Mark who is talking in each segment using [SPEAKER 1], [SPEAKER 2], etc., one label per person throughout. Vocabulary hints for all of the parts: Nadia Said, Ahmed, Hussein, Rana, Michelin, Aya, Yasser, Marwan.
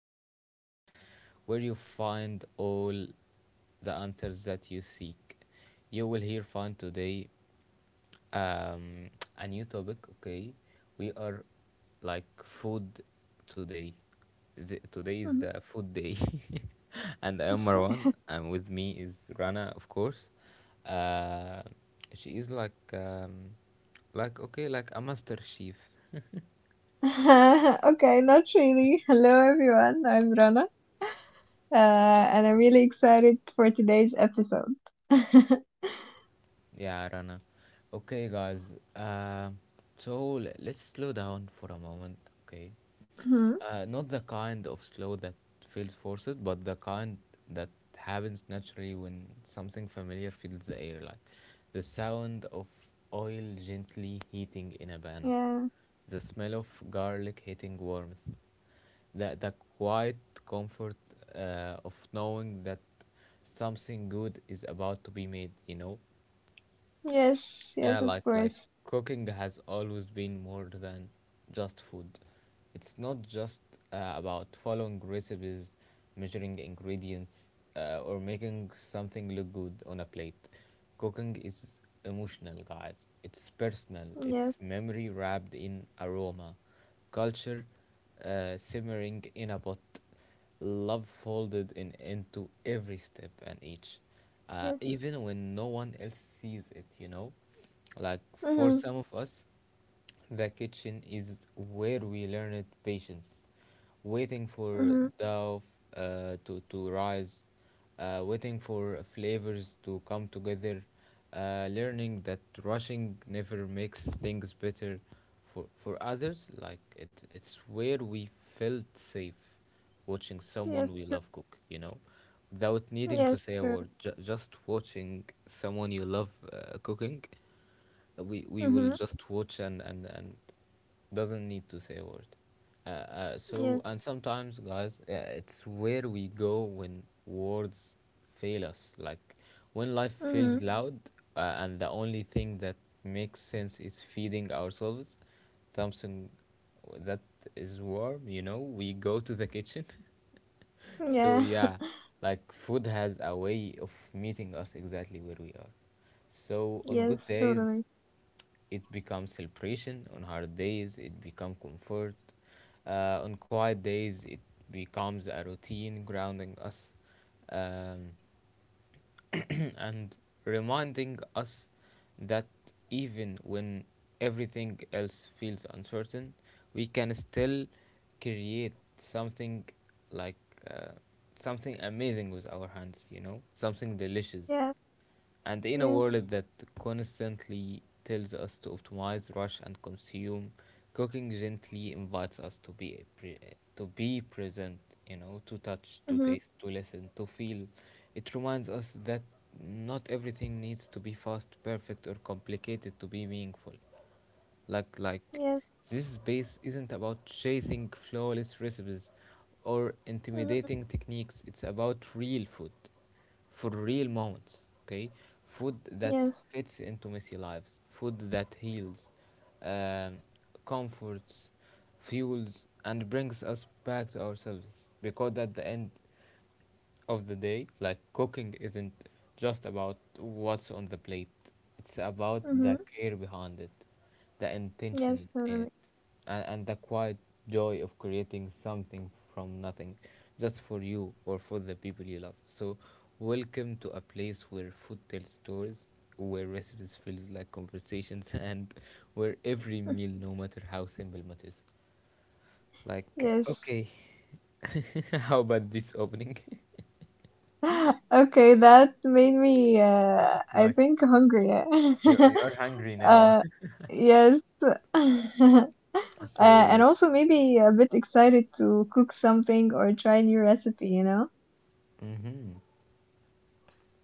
[SPEAKER 1] favorite podcast where you find all the answers that you seek. You will here find today um, a new topic. Okay, we are like food today. Today is
[SPEAKER 2] Mhm.
[SPEAKER 1] the food day, and I am Marwan, and with me is Rana, of course. Uh, she is like okay, like a master chef.
[SPEAKER 2] Okay, not really. Hello, everyone. I'm Rana, and I'm really excited for today's episode.
[SPEAKER 1] Yeah, Rana. Okay, guys. Um so let's slow down for a moment. Okay.
[SPEAKER 2] Mhm.
[SPEAKER 1] Not the kind of slow that feels forced, but the kind that happens naturally when something familiar fills the air, like the sound of oil gently heating in a pan,
[SPEAKER 2] Yeah.
[SPEAKER 1] the smell of garlic hitting warmth, the quiet comfort of knowing that something good is about to be made.
[SPEAKER 2] Yes.
[SPEAKER 1] Yeah,
[SPEAKER 2] Yes. Of
[SPEAKER 1] like
[SPEAKER 2] course.
[SPEAKER 1] cooking has always been more than just food. It's not just about following recipes, measuring ingredients, or making something look good on a plate. Cooking is emotional, guys. It's personal.
[SPEAKER 2] Yes.
[SPEAKER 1] It's memory wrapped in aroma, culture simmering in a pot, love folded in into every step and each,
[SPEAKER 2] Yes.
[SPEAKER 1] even when no one else sees it. Like for
[SPEAKER 2] Mhm.
[SPEAKER 1] some of us, the kitchen is where we learned patience, waiting for
[SPEAKER 2] Mhm.
[SPEAKER 1] dough to rise, waiting for flavors to come together, learning that rushing never makes things better. For others, like it's where we felt safe, watching
[SPEAKER 2] Yes.
[SPEAKER 1] someone we
[SPEAKER 2] True.
[SPEAKER 1] love cook, you know, without needing to
[SPEAKER 2] Yes.
[SPEAKER 1] say a
[SPEAKER 2] True.
[SPEAKER 1] word, just watching someone you love cooking, we will
[SPEAKER 2] Mhm.
[SPEAKER 1] just watch and doesn't need to say a word. So, and
[SPEAKER 2] Yes.
[SPEAKER 1] sometimes, guys, it's where we go when words fail us. Like when life feels
[SPEAKER 2] Mhm.
[SPEAKER 1] loud, and the only thing that makes sense is feeding ourselves something that is warm, you know, we go to the kitchen. So
[SPEAKER 2] Yeah.
[SPEAKER 1] yeah, like food has a way of meeting us exactly where we are. So on good
[SPEAKER 2] Yes.
[SPEAKER 1] days,
[SPEAKER 2] Totally.
[SPEAKER 1] it becomes celebration. On hard days, it becomes comfort. On quiet days, it becomes a routine grounding us. Um, and reminding us that even when everything else feels uncertain, we can still create something like uh, something amazing with our hands, you know, something delicious,
[SPEAKER 2] Yeah.
[SPEAKER 1] and the inner
[SPEAKER 2] Yes.
[SPEAKER 1] world that constantly tells us to optimize, rush, and consume. Cooking gently invites us to to be present, you know, to touch, to
[SPEAKER 2] Mhm.
[SPEAKER 1] taste, to listen, to feel. It reminds us that not everything needs to be fast, perfect, or complicated to be meaningful. Like
[SPEAKER 2] Yes.
[SPEAKER 1] this space isn't about chasing flawless recipes or
[SPEAKER 2] Mhm.
[SPEAKER 1] intimidating techniques. It's about real food for real moments. Okay, food that
[SPEAKER 2] Yes.
[SPEAKER 1] fits into messy lives, food that heals, um, comforts, fuels, and brings us back to ourselves. Because at the end of the day, like cooking isn't just about what's on the plate. It's about the
[SPEAKER 2] Mhm.
[SPEAKER 1] care behind it, the
[SPEAKER 2] Yes.
[SPEAKER 1] intention in it,
[SPEAKER 2] Totally.
[SPEAKER 1] and the quiet joy of creating something from nothing, just for you or for the people you love. So, welcome to a place where food tells stories, where recipes feel like conversations, and where every meal, no matter how simple, matters. Like,
[SPEAKER 2] Yes.
[SPEAKER 1] okay, how about this opening?
[SPEAKER 2] Okay, that made me, I
[SPEAKER 1] Like
[SPEAKER 2] think, hungry.
[SPEAKER 1] You're, you're hungry now.
[SPEAKER 2] Uh, yes. And
[SPEAKER 1] So,
[SPEAKER 2] also maybe a bit excited to cook something or try new recipe, you know?
[SPEAKER 1] hmm,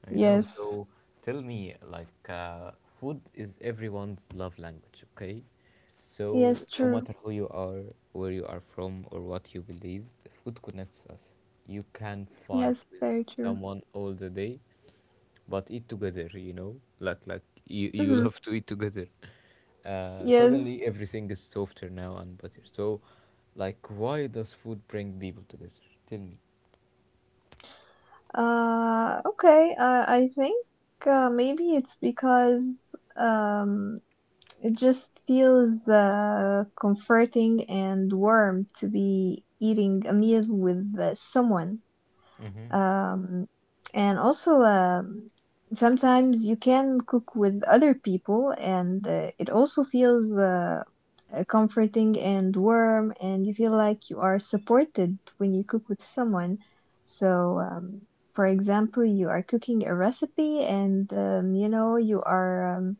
[SPEAKER 1] I know.
[SPEAKER 2] Yes.
[SPEAKER 1] So, tell me, like, food is everyone's love language, okay? So,
[SPEAKER 2] Yes,
[SPEAKER 1] no
[SPEAKER 2] true.
[SPEAKER 1] matter who you are, where you are from, or what you believe, food connects us. You can fight
[SPEAKER 2] Yes,
[SPEAKER 1] with
[SPEAKER 2] very true.
[SPEAKER 1] someone all the day, but eat together, you know? Like you
[SPEAKER 2] Hmm.
[SPEAKER 1] love to eat together.
[SPEAKER 2] Yes.
[SPEAKER 1] Suddenly, everything is softer now and better. So, like, why does food bring people together? Tell me.
[SPEAKER 2] Okay. I think maybe it's because um It just feels comforting and warm to be eating a meal with someone.
[SPEAKER 1] Mm-hmm.
[SPEAKER 2] Um, and also, sometimes you can cook with other people, and it also feels comforting and warm, and you feel like you are supported when you cook with someone. So, for example, you are cooking a recipe, and you are Um,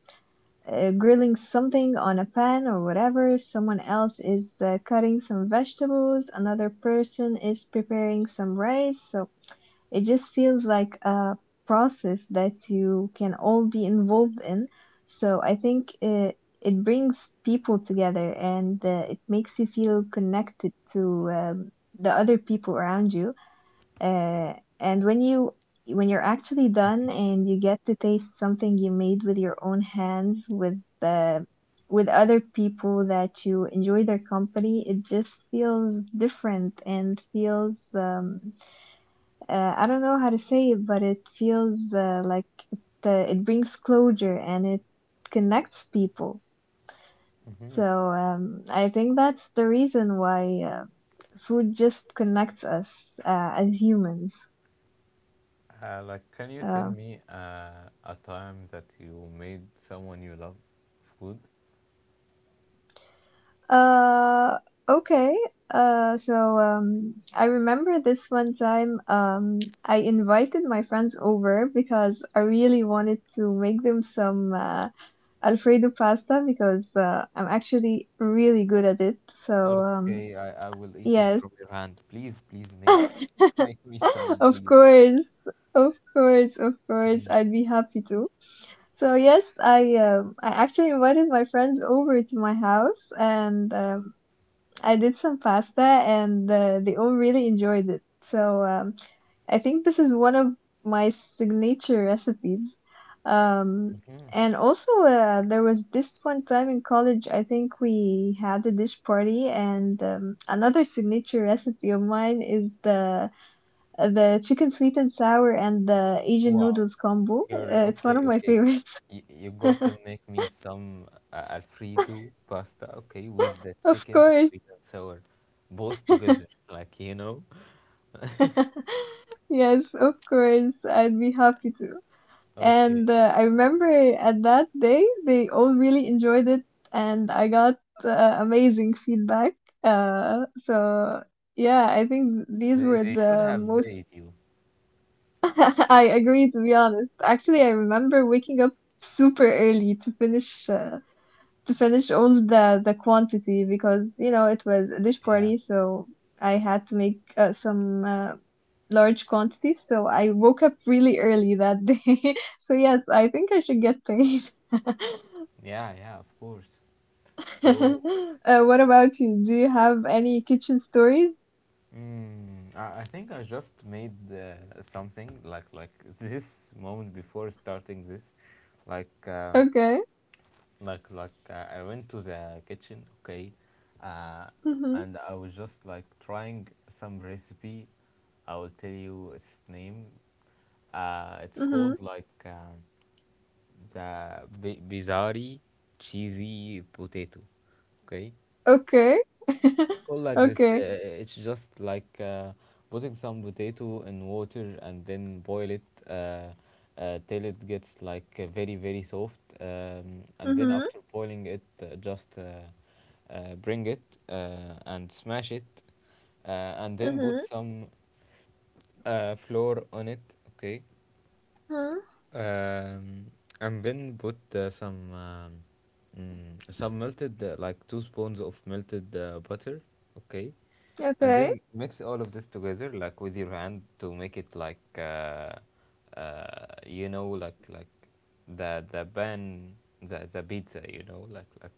[SPEAKER 2] uh, grilling something on a pan or whatever. Someone else is cutting some vegetables. Another person is preparing some rice. So it just feels like a process that you can all be involved in. So I think it brings people together and it makes you feel connected to the other people around you. Uh, and when you when you're actually done and you get to taste something you made with your own hands with the with other people that you enjoy their company, it just feels different and feels I don't know how to say it, but it feels like it, it brings closure and it connects people.
[SPEAKER 1] Mm-hmm.
[SPEAKER 2] So I think that's the reason why food just connects us as humans.
[SPEAKER 1] Like, can you tell
[SPEAKER 2] Um,
[SPEAKER 1] me a time that you made someone you love food?
[SPEAKER 2] Uh, okay. So I remember this one time. I invited my friends over because I really wanted to make them some Alfredo pasta because I'm actually really good at it. So
[SPEAKER 1] Okay, I will eat it
[SPEAKER 2] yes,
[SPEAKER 1] from your hand. Please make make me some,
[SPEAKER 2] of
[SPEAKER 1] please.
[SPEAKER 2] course, of course, of course, I'd be happy to. So yes, I actually invited my friends over to my house, and I did some pasta and they all really enjoyed it. So I think this is one of my signature recipes. Um,
[SPEAKER 1] Mm-hmm.
[SPEAKER 2] and also, there was this one time in college, I think we had a dish party, and another signature recipe of mine is the chicken sweet and sour and the Asian
[SPEAKER 1] Wow,
[SPEAKER 2] noodles combo.
[SPEAKER 1] girl.
[SPEAKER 2] It's one
[SPEAKER 1] Okay,
[SPEAKER 2] of my
[SPEAKER 1] okay.
[SPEAKER 2] favorites.
[SPEAKER 1] You gotta make me some Alfredo pasta, okay, with the
[SPEAKER 2] Of
[SPEAKER 1] chicken,
[SPEAKER 2] course.
[SPEAKER 1] sweet and sour, both together, like you know.
[SPEAKER 2] Yes, of course. I'd be happy to. And
[SPEAKER 1] Okay,
[SPEAKER 2] I remember at that day, they all really enjoyed it, and I got amazing feedback. So yeah, I think these were
[SPEAKER 1] they should
[SPEAKER 2] the
[SPEAKER 1] have
[SPEAKER 2] most.
[SPEAKER 1] paid you.
[SPEAKER 2] I agree, to be honest. Actually, I remember waking up super early to finish all the quantity because you know it was a dish
[SPEAKER 1] Yeah,
[SPEAKER 2] party, so I had to make some large quantities, so I woke up really early that day. So yes, I think I should get paid.
[SPEAKER 1] yeah, yeah. Of course. So
[SPEAKER 2] What about you? Do you have any kitchen stories?
[SPEAKER 1] mm, I think I just made something like this moment before starting this, like
[SPEAKER 2] Okay.
[SPEAKER 1] like I went to the kitchen, okay, uh,
[SPEAKER 2] Mm-hmm.
[SPEAKER 1] and I was just like trying some recipe. I will tell you its name. It's
[SPEAKER 2] Mm-hmm.
[SPEAKER 1] called like the bizarre cheesy potato, okay.
[SPEAKER 2] Okay.
[SPEAKER 1] It's called like this.
[SPEAKER 2] Okay.
[SPEAKER 1] It's just like putting some potato in water and then boil it uh, till it gets like very soft. And then
[SPEAKER 2] Mm-hmm.
[SPEAKER 1] after boiling it, just bring it and smash it, uh, and then put
[SPEAKER 2] Mm-hmm.
[SPEAKER 1] some flour on it. Okay,
[SPEAKER 2] Mm-hmm.
[SPEAKER 1] um, and then put some mm, some melted like two spoons of melted butter, okay, and
[SPEAKER 2] Okay.
[SPEAKER 1] then mix all of this together like with your hand to make it like you know like the pan the pizza, you know, like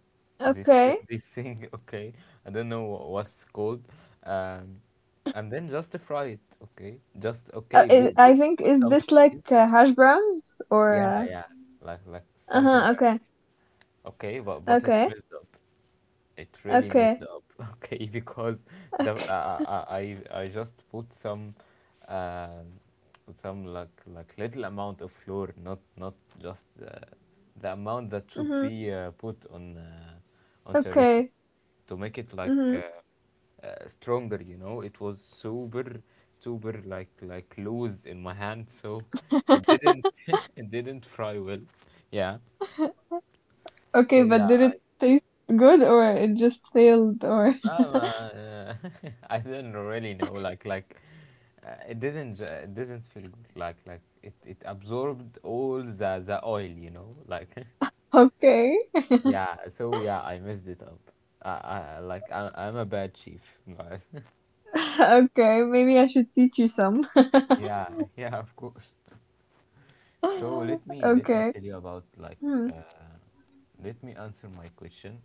[SPEAKER 1] this
[SPEAKER 2] Okay.
[SPEAKER 1] this thing, okay, I don't know what's called, um, and then just fry it, okay, just
[SPEAKER 2] Uh,
[SPEAKER 1] okay,
[SPEAKER 2] i I think,
[SPEAKER 1] put
[SPEAKER 2] is
[SPEAKER 1] some
[SPEAKER 2] this like
[SPEAKER 1] cheese.
[SPEAKER 2] hash browns or
[SPEAKER 1] Yeah, yeah, like something
[SPEAKER 2] uh-huh,
[SPEAKER 1] like
[SPEAKER 2] okay.
[SPEAKER 1] this. Okay, but it's
[SPEAKER 2] Okay.
[SPEAKER 1] messed up. It really messed
[SPEAKER 2] Okay.
[SPEAKER 1] up, okay, because the uh,
[SPEAKER 2] Okay.
[SPEAKER 1] uh, uh, I I just put uh, some like little amount of flour, not just the amount that should
[SPEAKER 2] Mm-hmm.
[SPEAKER 1] be put on the recipe
[SPEAKER 2] Okay.
[SPEAKER 1] to make it like
[SPEAKER 2] Mm-hmm.
[SPEAKER 1] stronger. You know, it was super like loose in my hand, so it didn't it didn't fry well. Yeah,
[SPEAKER 2] Okay,
[SPEAKER 1] so
[SPEAKER 2] but
[SPEAKER 1] yeah,
[SPEAKER 2] did
[SPEAKER 1] I.
[SPEAKER 2] it taste good or it just failed or
[SPEAKER 1] Um, uh, I didn't really know. Like it didn't. It didn't feel good. Like it absorbed all the oil. You know, like
[SPEAKER 2] okay.
[SPEAKER 1] yeah. So yeah, I messed it up. I'm a bad chief, guys.
[SPEAKER 2] Okay, maybe I should teach you some.
[SPEAKER 1] Yeah, yeah, of course. So let me
[SPEAKER 2] Okay.
[SPEAKER 1] tell you about like
[SPEAKER 2] Hmm.
[SPEAKER 1] uh, let me answer my question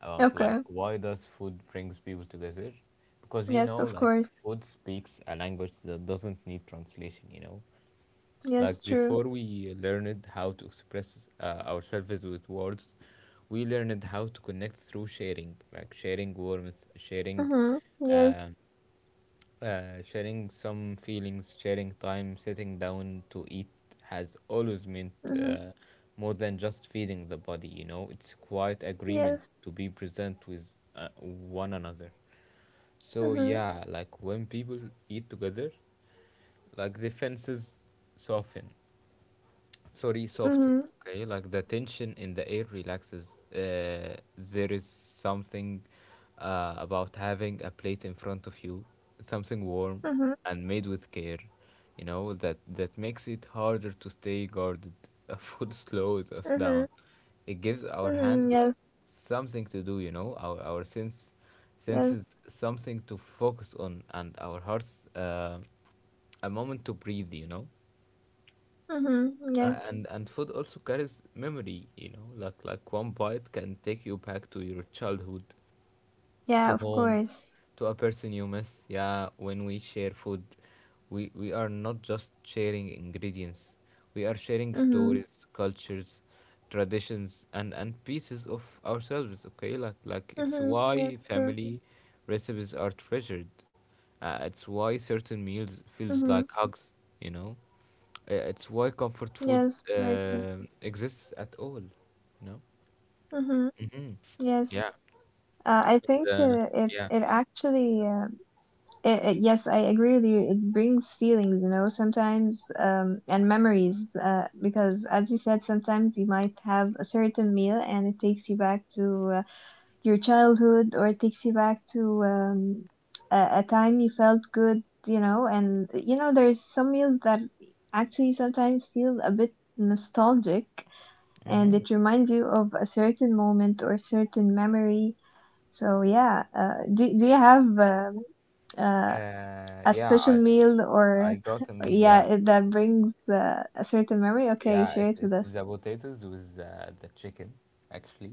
[SPEAKER 1] about like
[SPEAKER 2] Okay.
[SPEAKER 1] why does food brings people together? Because you
[SPEAKER 2] Yes,
[SPEAKER 1] know
[SPEAKER 2] of
[SPEAKER 1] like
[SPEAKER 2] course.
[SPEAKER 1] food speaks a language that doesn't need translation. You know,
[SPEAKER 2] Yes,
[SPEAKER 1] like
[SPEAKER 2] true.
[SPEAKER 1] before we learned how to express ourselves with words, we learned how to connect through sharing, like sharing warmth, sharing.
[SPEAKER 2] Mm-hmm. Yes.
[SPEAKER 1] Um, sharing some feelings, sharing time, sitting down to eat has always meant
[SPEAKER 2] Mm-hmm.
[SPEAKER 1] uh, more than just feeding the body, you know, it's quite agreement
[SPEAKER 2] Yes.
[SPEAKER 1] to be present with one another. So,
[SPEAKER 2] Mm-hmm.
[SPEAKER 1] yeah, like when people eat together, like the fences soften, sorry, soften,
[SPEAKER 2] Mm-hmm.
[SPEAKER 1] okay, like the tension in the air relaxes. Uh, there is something about having a plate in front of you, something warm
[SPEAKER 2] Mm-hmm.
[SPEAKER 1] and made with care, you know, that makes it harder to stay guarded. Food slows us
[SPEAKER 2] Mm-hmm.
[SPEAKER 1] down. It gives our
[SPEAKER 2] Mm-hmm.
[SPEAKER 1] hand
[SPEAKER 2] Yes.
[SPEAKER 1] like something to do, you know, our our
[SPEAKER 2] Yes.
[SPEAKER 1] senses something to focus on, and our hearts uh, a moment to breathe, you know.
[SPEAKER 2] Mm-hmm.
[SPEAKER 1] uh,
[SPEAKER 2] Yes.
[SPEAKER 1] and and food also carries memory, you know, like one bite can take you back to your childhood,
[SPEAKER 2] Yeah,
[SPEAKER 1] to
[SPEAKER 2] of
[SPEAKER 1] home,
[SPEAKER 2] course.
[SPEAKER 1] to a person you miss. Yeah, when we share food, we are not just sharing ingredients, we are sharing
[SPEAKER 2] Mm-hmm.
[SPEAKER 1] stories, cultures, traditions, and pieces of ourselves. Okay, like it's
[SPEAKER 2] Mm-hmm. Yes,
[SPEAKER 1] why
[SPEAKER 2] true.
[SPEAKER 1] family recipes are treasured. It's why certain
[SPEAKER 2] Mm-hmm.
[SPEAKER 1] meals feels like hugs, you know. It's why
[SPEAKER 2] Yes,
[SPEAKER 1] comfort food
[SPEAKER 2] very true.
[SPEAKER 1] exists at all, you know.
[SPEAKER 2] Mm-hmm.
[SPEAKER 1] Hmm.
[SPEAKER 2] Yes.
[SPEAKER 1] Yeah,
[SPEAKER 2] I think
[SPEAKER 1] and
[SPEAKER 2] it
[SPEAKER 1] yeah.
[SPEAKER 2] it actually it, it, yes, I agree with you, it brings feelings, you know, sometimes, and memories, because as you said, sometimes you might have a certain meal and it takes you back to your childhood, or it takes you back to a time you felt good, you know, and you know there's some meals that actually sometimes feel a bit nostalgic, and
[SPEAKER 1] Mm-hmm.
[SPEAKER 2] it reminds you of a certain moment or certain memory. So yeah, do you have uh, a
[SPEAKER 1] Yeah,
[SPEAKER 2] special
[SPEAKER 1] I
[SPEAKER 2] meal
[SPEAKER 1] I
[SPEAKER 2] or
[SPEAKER 1] got a meal.
[SPEAKER 2] yeah,
[SPEAKER 1] Yeah,
[SPEAKER 2] that brings a certain memory? Okay,
[SPEAKER 1] yeah.
[SPEAKER 2] share
[SPEAKER 1] It's
[SPEAKER 2] it with
[SPEAKER 1] it's
[SPEAKER 2] us.
[SPEAKER 1] the potatoes with the chicken, actually,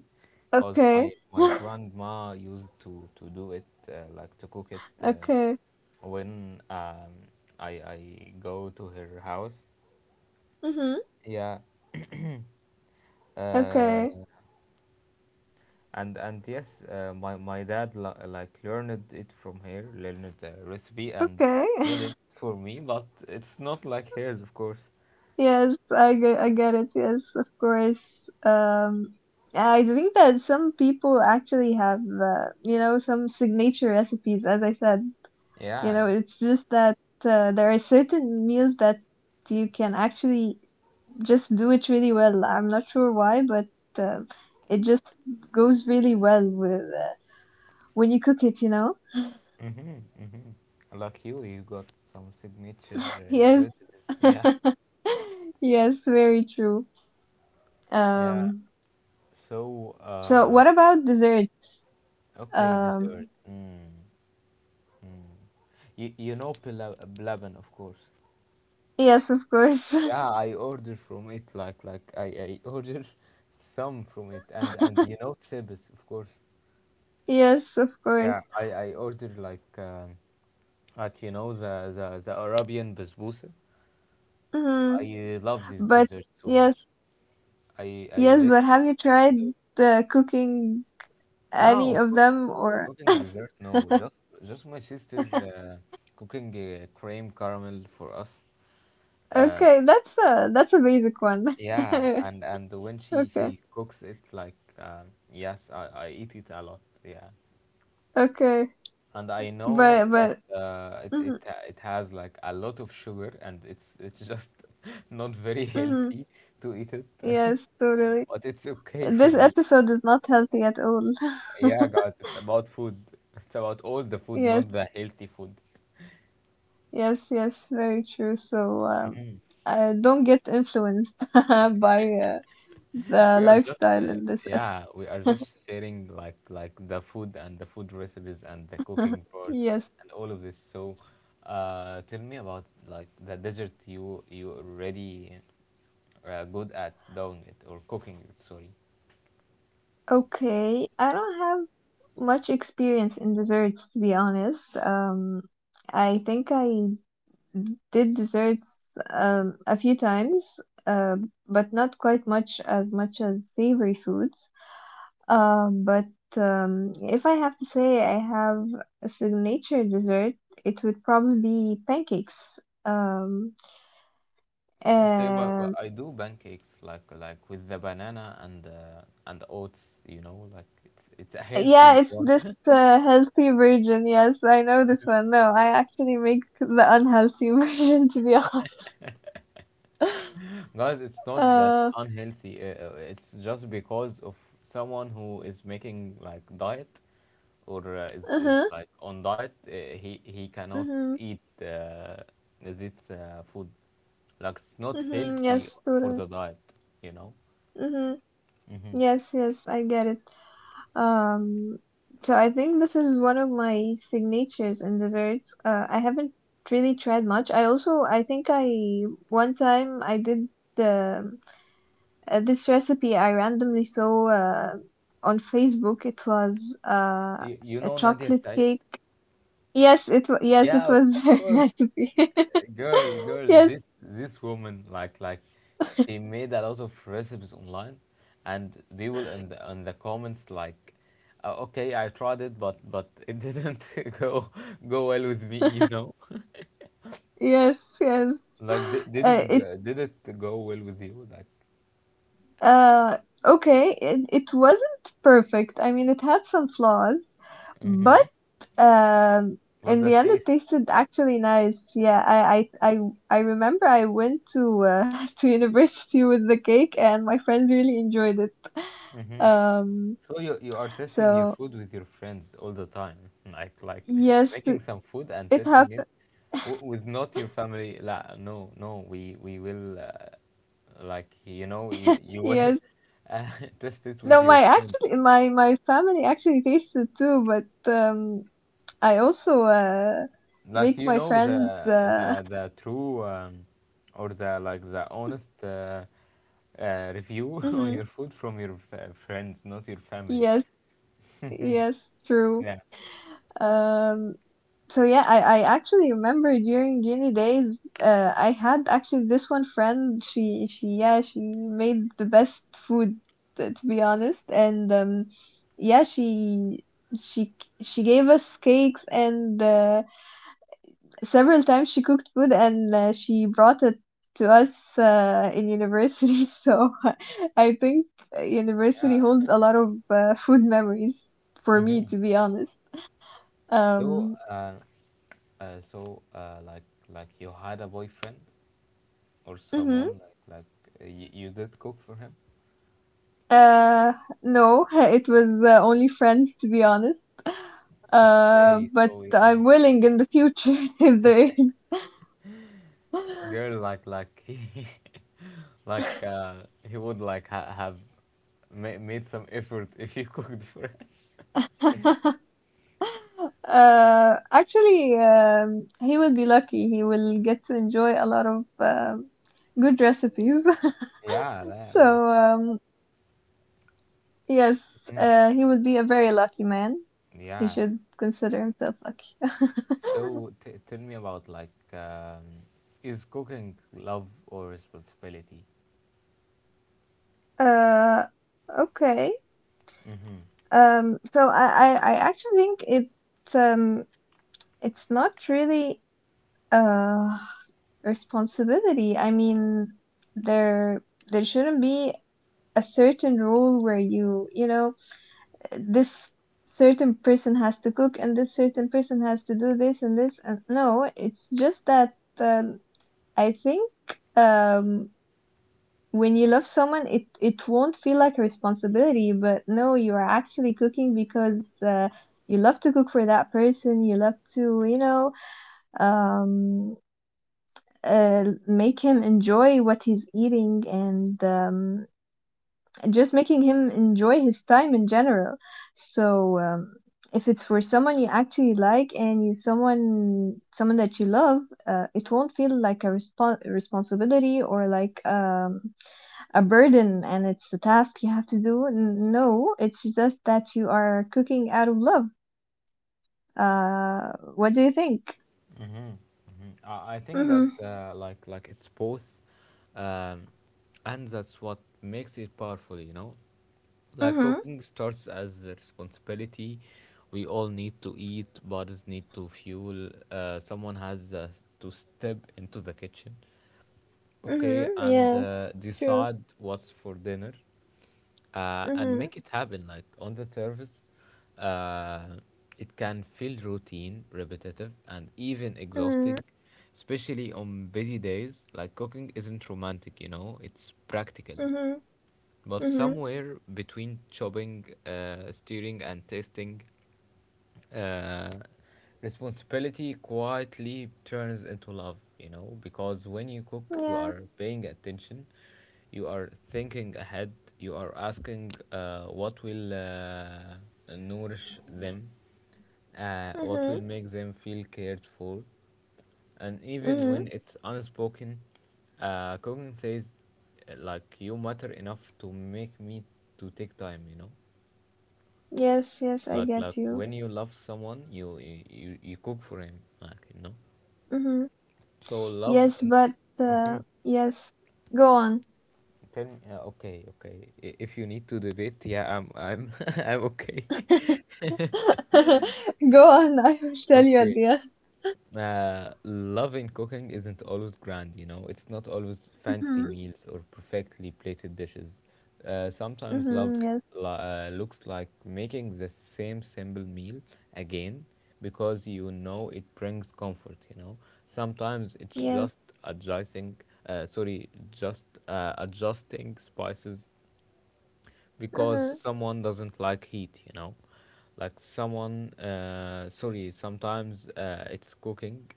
[SPEAKER 1] cause my
[SPEAKER 2] Okay.
[SPEAKER 1] my grandma used to do it like to cook it
[SPEAKER 2] Okay.
[SPEAKER 1] when I I go to her house.
[SPEAKER 2] Mhm.
[SPEAKER 1] Yeah. Uh,
[SPEAKER 2] Okay.
[SPEAKER 1] and yes, my dad like learned it from her, learned the recipe and
[SPEAKER 2] Okay.
[SPEAKER 1] made it for me. But it's not like hers, of course.
[SPEAKER 2] Yes, I get it. Yes, of course. I think that some people actually have, some signature recipes, as I said. You
[SPEAKER 1] Yeah.
[SPEAKER 2] know, it's just that there are certain meals that you can actually just do it really well. I'm not sure why, but uh, it just goes really well with when you cook it, you know?
[SPEAKER 1] Mm-hmm, mm-hmm. Like you got some signature
[SPEAKER 2] Yes.
[SPEAKER 1] recipes. Yeah,
[SPEAKER 2] Yes, very true.
[SPEAKER 1] yeah.
[SPEAKER 2] Um,
[SPEAKER 1] So,
[SPEAKER 2] so what about dessert?
[SPEAKER 1] okay, dessert.
[SPEAKER 2] Um,
[SPEAKER 1] Mm, mm. You know pila- blaben, of course.
[SPEAKER 2] yes, of course.
[SPEAKER 1] Yeah, I order from it. Like I order some from it, and you know sebes, of course.
[SPEAKER 2] Yes, of
[SPEAKER 1] Yeah,
[SPEAKER 2] course.
[SPEAKER 1] I ordered like you know the Arabian basbousa.
[SPEAKER 2] Mhm.
[SPEAKER 1] I love this
[SPEAKER 2] But
[SPEAKER 1] dessert so
[SPEAKER 2] yes,
[SPEAKER 1] much. I
[SPEAKER 2] yes, but have
[SPEAKER 1] literally
[SPEAKER 2] you tried
[SPEAKER 1] adore.
[SPEAKER 2] the cooking any
[SPEAKER 1] No,
[SPEAKER 2] of them
[SPEAKER 1] cooking,
[SPEAKER 2] or.
[SPEAKER 1] cooking dessert, no. Just my sister cooking cream caramel for us. Uh,
[SPEAKER 2] Okay, that's a basic one.
[SPEAKER 1] yeah,
[SPEAKER 2] Yes.
[SPEAKER 1] and when she
[SPEAKER 2] Okay,
[SPEAKER 1] she cooks it, like, yes, I eat it a lot. Yeah,
[SPEAKER 2] okay,
[SPEAKER 1] and I know
[SPEAKER 2] but
[SPEAKER 1] that it
[SPEAKER 2] mhm,
[SPEAKER 1] it has like a lot of sugar, and it's just not very
[SPEAKER 2] mhm,
[SPEAKER 1] healthy to eat it,
[SPEAKER 2] yes, totally.
[SPEAKER 1] but it's okay for
[SPEAKER 2] This
[SPEAKER 1] me.
[SPEAKER 2] episode is not healthy at all.
[SPEAKER 1] Yeah, guys, it's about food. It's about all the food,
[SPEAKER 2] Yes,
[SPEAKER 1] not the healthy food.
[SPEAKER 2] yes, yes, very true. So
[SPEAKER 1] Hmm.
[SPEAKER 2] don't get influenced by the
[SPEAKER 1] We are just
[SPEAKER 2] lifestyle in this
[SPEAKER 1] yeah, we are just sharing like the food and the food recipes and the
[SPEAKER 2] episode.
[SPEAKER 1] cooking part
[SPEAKER 2] Yes.
[SPEAKER 1] and all of this. So, tell me about like the dessert you already good at doing it or cooking it. Sorry.
[SPEAKER 2] Okay, I don't have much experience in desserts, to be honest. I think I did desserts a few times, uh, but not quite much, as much as savory foods. But if I have to say I have a signature dessert, it would probably be pancakes. Um,
[SPEAKER 1] Okay, but
[SPEAKER 2] and
[SPEAKER 1] I do pancakes like with the banana and and oats. You know, like it's a
[SPEAKER 2] yeah,
[SPEAKER 1] healthy
[SPEAKER 2] it's
[SPEAKER 1] one,
[SPEAKER 2] this healthy version. Yes, I know this one. No, I actually make the unhealthy version, to be honest.
[SPEAKER 1] guys. It's not that
[SPEAKER 2] Uh,
[SPEAKER 1] unhealthy. It's just because of someone who is making like diet or is
[SPEAKER 2] uh-huh,
[SPEAKER 1] like on diet, he cannot
[SPEAKER 2] mm-hmm,
[SPEAKER 1] eat this food. Like it's not
[SPEAKER 2] mm-hmm,
[SPEAKER 1] healthy
[SPEAKER 2] yes,
[SPEAKER 1] for
[SPEAKER 2] totally.
[SPEAKER 1] the diet, you know.
[SPEAKER 2] Mhm.
[SPEAKER 1] hmm
[SPEAKER 2] Yes, yes, I get it. Um, so I think this is one of my signatures in desserts. I haven't really tried much. I also, I think I one time I did the this recipe I randomly saw on Facebook. It was
[SPEAKER 1] You, you
[SPEAKER 2] a
[SPEAKER 1] know Nadia
[SPEAKER 2] chocolate
[SPEAKER 1] Said?
[SPEAKER 2] cake. Yes, it
[SPEAKER 1] Yeah, of
[SPEAKER 2] was a
[SPEAKER 1] course,
[SPEAKER 2] recipe.
[SPEAKER 1] girl.
[SPEAKER 2] Yes,
[SPEAKER 1] This woman, she made a lot of recipes online, and people in the comments like, okay, I tried it, but it didn't go go well with me, you know.
[SPEAKER 2] yes, yes.
[SPEAKER 1] Like, did
[SPEAKER 2] Uh,
[SPEAKER 1] did it go well with you? Like,
[SPEAKER 2] Uh, okay, it wasn't perfect. I mean, it had some flaws, but
[SPEAKER 1] Mm-hmm.
[SPEAKER 2] um,
[SPEAKER 1] What's
[SPEAKER 2] in
[SPEAKER 1] the
[SPEAKER 2] the end, it
[SPEAKER 1] taste?
[SPEAKER 2] tasted actually nice. Yeah, I remember I went to to university with the cake, and my friends really enjoyed it.
[SPEAKER 1] Mm-hmm.
[SPEAKER 2] Um,
[SPEAKER 1] So you are testing your
[SPEAKER 2] so
[SPEAKER 1] food with your friends all the time, like
[SPEAKER 2] yes,
[SPEAKER 1] making some food and
[SPEAKER 2] it
[SPEAKER 1] testing it
[SPEAKER 2] happened.
[SPEAKER 1] with not your family. La, no, no, we will like you know you will
[SPEAKER 2] Yes,
[SPEAKER 1] uh, test it with
[SPEAKER 2] no,
[SPEAKER 1] your
[SPEAKER 2] my
[SPEAKER 1] friends.
[SPEAKER 2] actually my family actually tasted too, but I also
[SPEAKER 1] Like
[SPEAKER 2] make
[SPEAKER 1] you
[SPEAKER 2] my
[SPEAKER 1] know
[SPEAKER 2] friends
[SPEAKER 1] the
[SPEAKER 2] uh.
[SPEAKER 1] the true or the like the honest review on
[SPEAKER 2] Mhm.
[SPEAKER 1] your food from your friends, not your family.
[SPEAKER 2] Yes, yes, true.
[SPEAKER 1] Yeah.
[SPEAKER 2] Um, so yeah, I actually remember during uni days, I had actually this one friend. She Yeah, she made the best food, to be honest, and yeah, she she gave us cakes and several times she cooked food and she brought it to us in university. So I think
[SPEAKER 1] Yeah.
[SPEAKER 2] university holds a lot of food memories for me,
[SPEAKER 1] Mm-hmm.
[SPEAKER 2] to be honest.
[SPEAKER 1] So,
[SPEAKER 2] Um,
[SPEAKER 1] uh, so, uh, like, like you had a boyfriend or
[SPEAKER 2] mhm.
[SPEAKER 1] someone like you, you did cook for him.
[SPEAKER 2] Uh, no, it was only friends, to be honest.
[SPEAKER 1] Okay,
[SPEAKER 2] But
[SPEAKER 1] so yeah,
[SPEAKER 2] I'm willing in the future if there is.
[SPEAKER 1] he, like, he would like ha have ma made some effort if you cooked for him.
[SPEAKER 2] Actually, he will be lucky. He will get to enjoy a lot of good recipes.
[SPEAKER 1] Yeah, that, like,
[SPEAKER 2] So, yes,
[SPEAKER 1] mm,
[SPEAKER 2] he will be a very lucky man. He
[SPEAKER 1] yeah.
[SPEAKER 2] should consider himself lucky.
[SPEAKER 1] So, t tell me about like, is cooking love or responsibility?
[SPEAKER 2] Uh, okay.
[SPEAKER 1] Mm-hmm.
[SPEAKER 2] So I actually think it's not really uh responsibility. I mean, there there shouldn't be a certain rule where this certain person has to cook and this certain person has to do this and this, and no, it's just that I think um when you love someone, it won't feel like a responsibility, but no, you are actually cooking because you love to cook for that person, you love to um make him enjoy what he's eating, and just making him enjoy his time in general. So if it's for someone you actually like and you someone someone that you love, it won't feel like a responsibility or like a burden and it's a task you have to do. No, it's just that you are cooking out of love. What do you think?
[SPEAKER 1] Mm-hmm. I think that
[SPEAKER 2] Mhm,
[SPEAKER 1] like it's both, um, and that's what makes it powerful. You know, like
[SPEAKER 2] mhm,
[SPEAKER 1] cooking starts as a responsibility. We all need to eat, bodies need to fuel. Someone has to step into the kitchen, okay,
[SPEAKER 2] mhm.
[SPEAKER 1] and
[SPEAKER 2] Yeah, true.
[SPEAKER 1] decide what's for dinner, and
[SPEAKER 2] Mhm,
[SPEAKER 1] make it happen. Like on the surface, uh, it can feel routine, repetitive, and even exhausting,
[SPEAKER 2] mhm,
[SPEAKER 1] especially on busy days. Like cooking isn't romantic, you know; it's practical.
[SPEAKER 2] mhm,
[SPEAKER 1] But
[SPEAKER 2] mhm.
[SPEAKER 1] somewhere between chopping, steering, and tasting, uh, responsibility quietly turns into love, you know, because when you cook, you
[SPEAKER 2] Yeah,
[SPEAKER 1] are paying attention, you are thinking ahead, you are asking what will nourish them, what will
[SPEAKER 2] mhm,
[SPEAKER 1] make them feel cared for, and even
[SPEAKER 2] mhm.
[SPEAKER 1] when it's unspoken, Kogan says, like you matter enough to make me to take time. You know,
[SPEAKER 2] Yes, yes, I
[SPEAKER 1] like
[SPEAKER 2] get you.
[SPEAKER 1] when you love someone, you cook for him. Like you know,
[SPEAKER 2] Mhm.
[SPEAKER 1] so love
[SPEAKER 2] Yes,
[SPEAKER 1] in
[SPEAKER 2] but uh, yes. Go on.
[SPEAKER 1] tell me. Okay. If you need to debate, yeah, I'm I'm okay.
[SPEAKER 2] Go on. I will tell you at
[SPEAKER 1] okay.
[SPEAKER 2] the end.
[SPEAKER 1] Love in cooking isn't always grand, you know. It's not always fancy
[SPEAKER 2] Mhm,
[SPEAKER 1] meals or perfectly plated dishes. Sometimes love
[SPEAKER 2] mhm. Yes,
[SPEAKER 1] looks like making the same simple meal again because you know it brings comfort, you know. Sometimes it's
[SPEAKER 2] yes.
[SPEAKER 1] just adjusting, sorry, just adjusting spices because
[SPEAKER 2] Mhm,
[SPEAKER 1] someone doesn't like heat you know like someone sorry sometimes it's cooking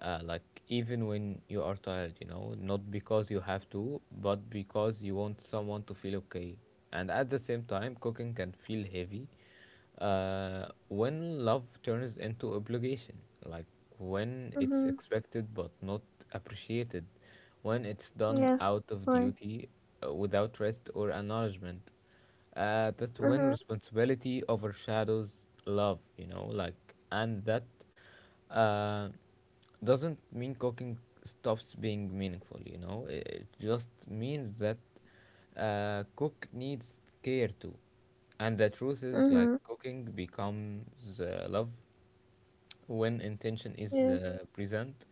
[SPEAKER 1] like even when you are tired you know not because you have to but because you want someone to feel okay, and at the same time cooking can feel heavy when love turns into obligation, like when it's
[SPEAKER 2] mhm.
[SPEAKER 1] expected but not appreciated, when it's done
[SPEAKER 2] Yes,
[SPEAKER 1] out of
[SPEAKER 2] right.
[SPEAKER 1] duty without rest or acknowledgement. That's when
[SPEAKER 2] Mhm.
[SPEAKER 1] responsibility overshadows love, you know, like, and that uh, doesn't mean cooking stops being meaningful, you know, it just means that cook needs care too, and the truth is like
[SPEAKER 2] Mm-hmm.
[SPEAKER 1] cooking becomes love when intention is
[SPEAKER 2] Yes.
[SPEAKER 1] present,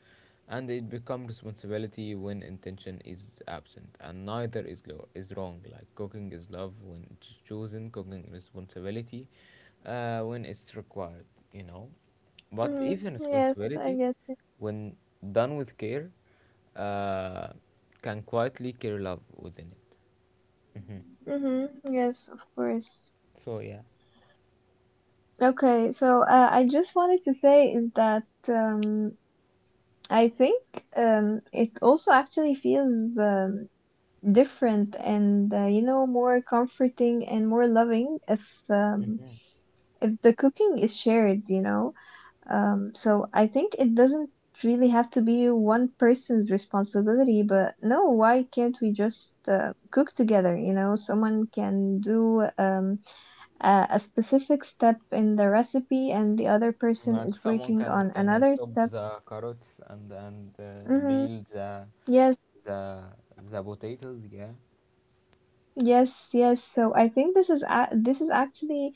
[SPEAKER 1] and it becomes responsibility when intention is absent, and neither is is wrong. Like cooking is love when it's chosen. Cooking is responsibility when it's required, you know, but
[SPEAKER 2] Mm-hmm.
[SPEAKER 1] even
[SPEAKER 2] Yes, I
[SPEAKER 1] responsibility
[SPEAKER 2] get you.
[SPEAKER 1] when done with care uh, can quietly carry love within it. hmm
[SPEAKER 2] Mm-hmm. Yes, of course.
[SPEAKER 1] So yeah.
[SPEAKER 2] Okay, so I just wanted to say is that um, I think it also actually feels different and more comforting and more loving
[SPEAKER 1] hmm
[SPEAKER 2] if the cooking is shared, you know. So I think it doesn't really have to be one person's responsibility, but no, why can't we just cook together? Someone can do a specific step in the recipe, and the other person
[SPEAKER 1] Like
[SPEAKER 2] is
[SPEAKER 1] someone
[SPEAKER 2] working on
[SPEAKER 1] can
[SPEAKER 2] another
[SPEAKER 1] chop
[SPEAKER 2] step.
[SPEAKER 1] the carrots and
[SPEAKER 2] Hmm.
[SPEAKER 1] peel the
[SPEAKER 2] Yes.
[SPEAKER 1] the the potatoes, yeah.
[SPEAKER 2] Yes, yes. So I think this is actually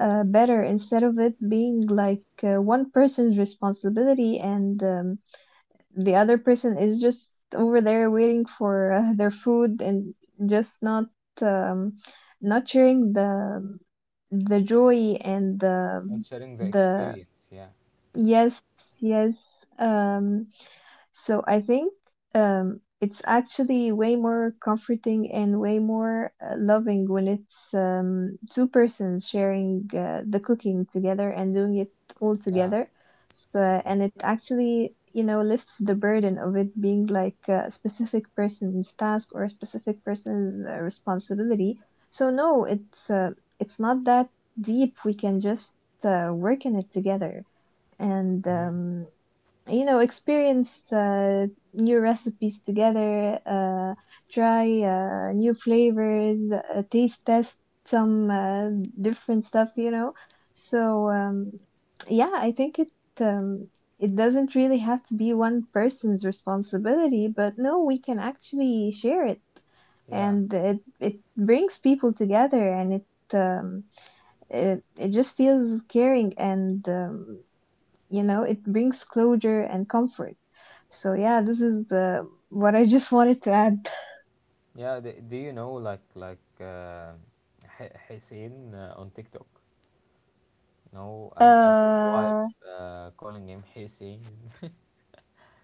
[SPEAKER 2] better, instead of it being like one person's responsibility and the other person is just over there waiting for their food and just um, not sharing the joy and
[SPEAKER 1] Not sharing the
[SPEAKER 2] the
[SPEAKER 1] experience. Yeah.
[SPEAKER 2] Yes, yes. So I think it's actually way more comforting and way more loving when it's two persons sharing the cooking together and doing it all
[SPEAKER 1] Yeah.
[SPEAKER 2] together. So, and it actually, you know, lifts the burden of it being like a specific person's task or a specific person's responsibility. So no, it's not that deep. We can just work in it together and
[SPEAKER 1] hmm
[SPEAKER 2] experience new recipes together, try new flavors, taste test some different stuff, you know. So yeah, I think it um, it doesn't really have to be one person's responsibility, but no, we can actually share it,
[SPEAKER 1] Yeah.
[SPEAKER 2] and it it brings people together, and it um, it, it just feels caring, and you know, it brings closure and comfort. So yeah, this is the what I just wanted to add.
[SPEAKER 1] Yeah. Do you know like Hussein on TikTok? You know, and his wife
[SPEAKER 2] Uh.
[SPEAKER 1] calling him Hussein.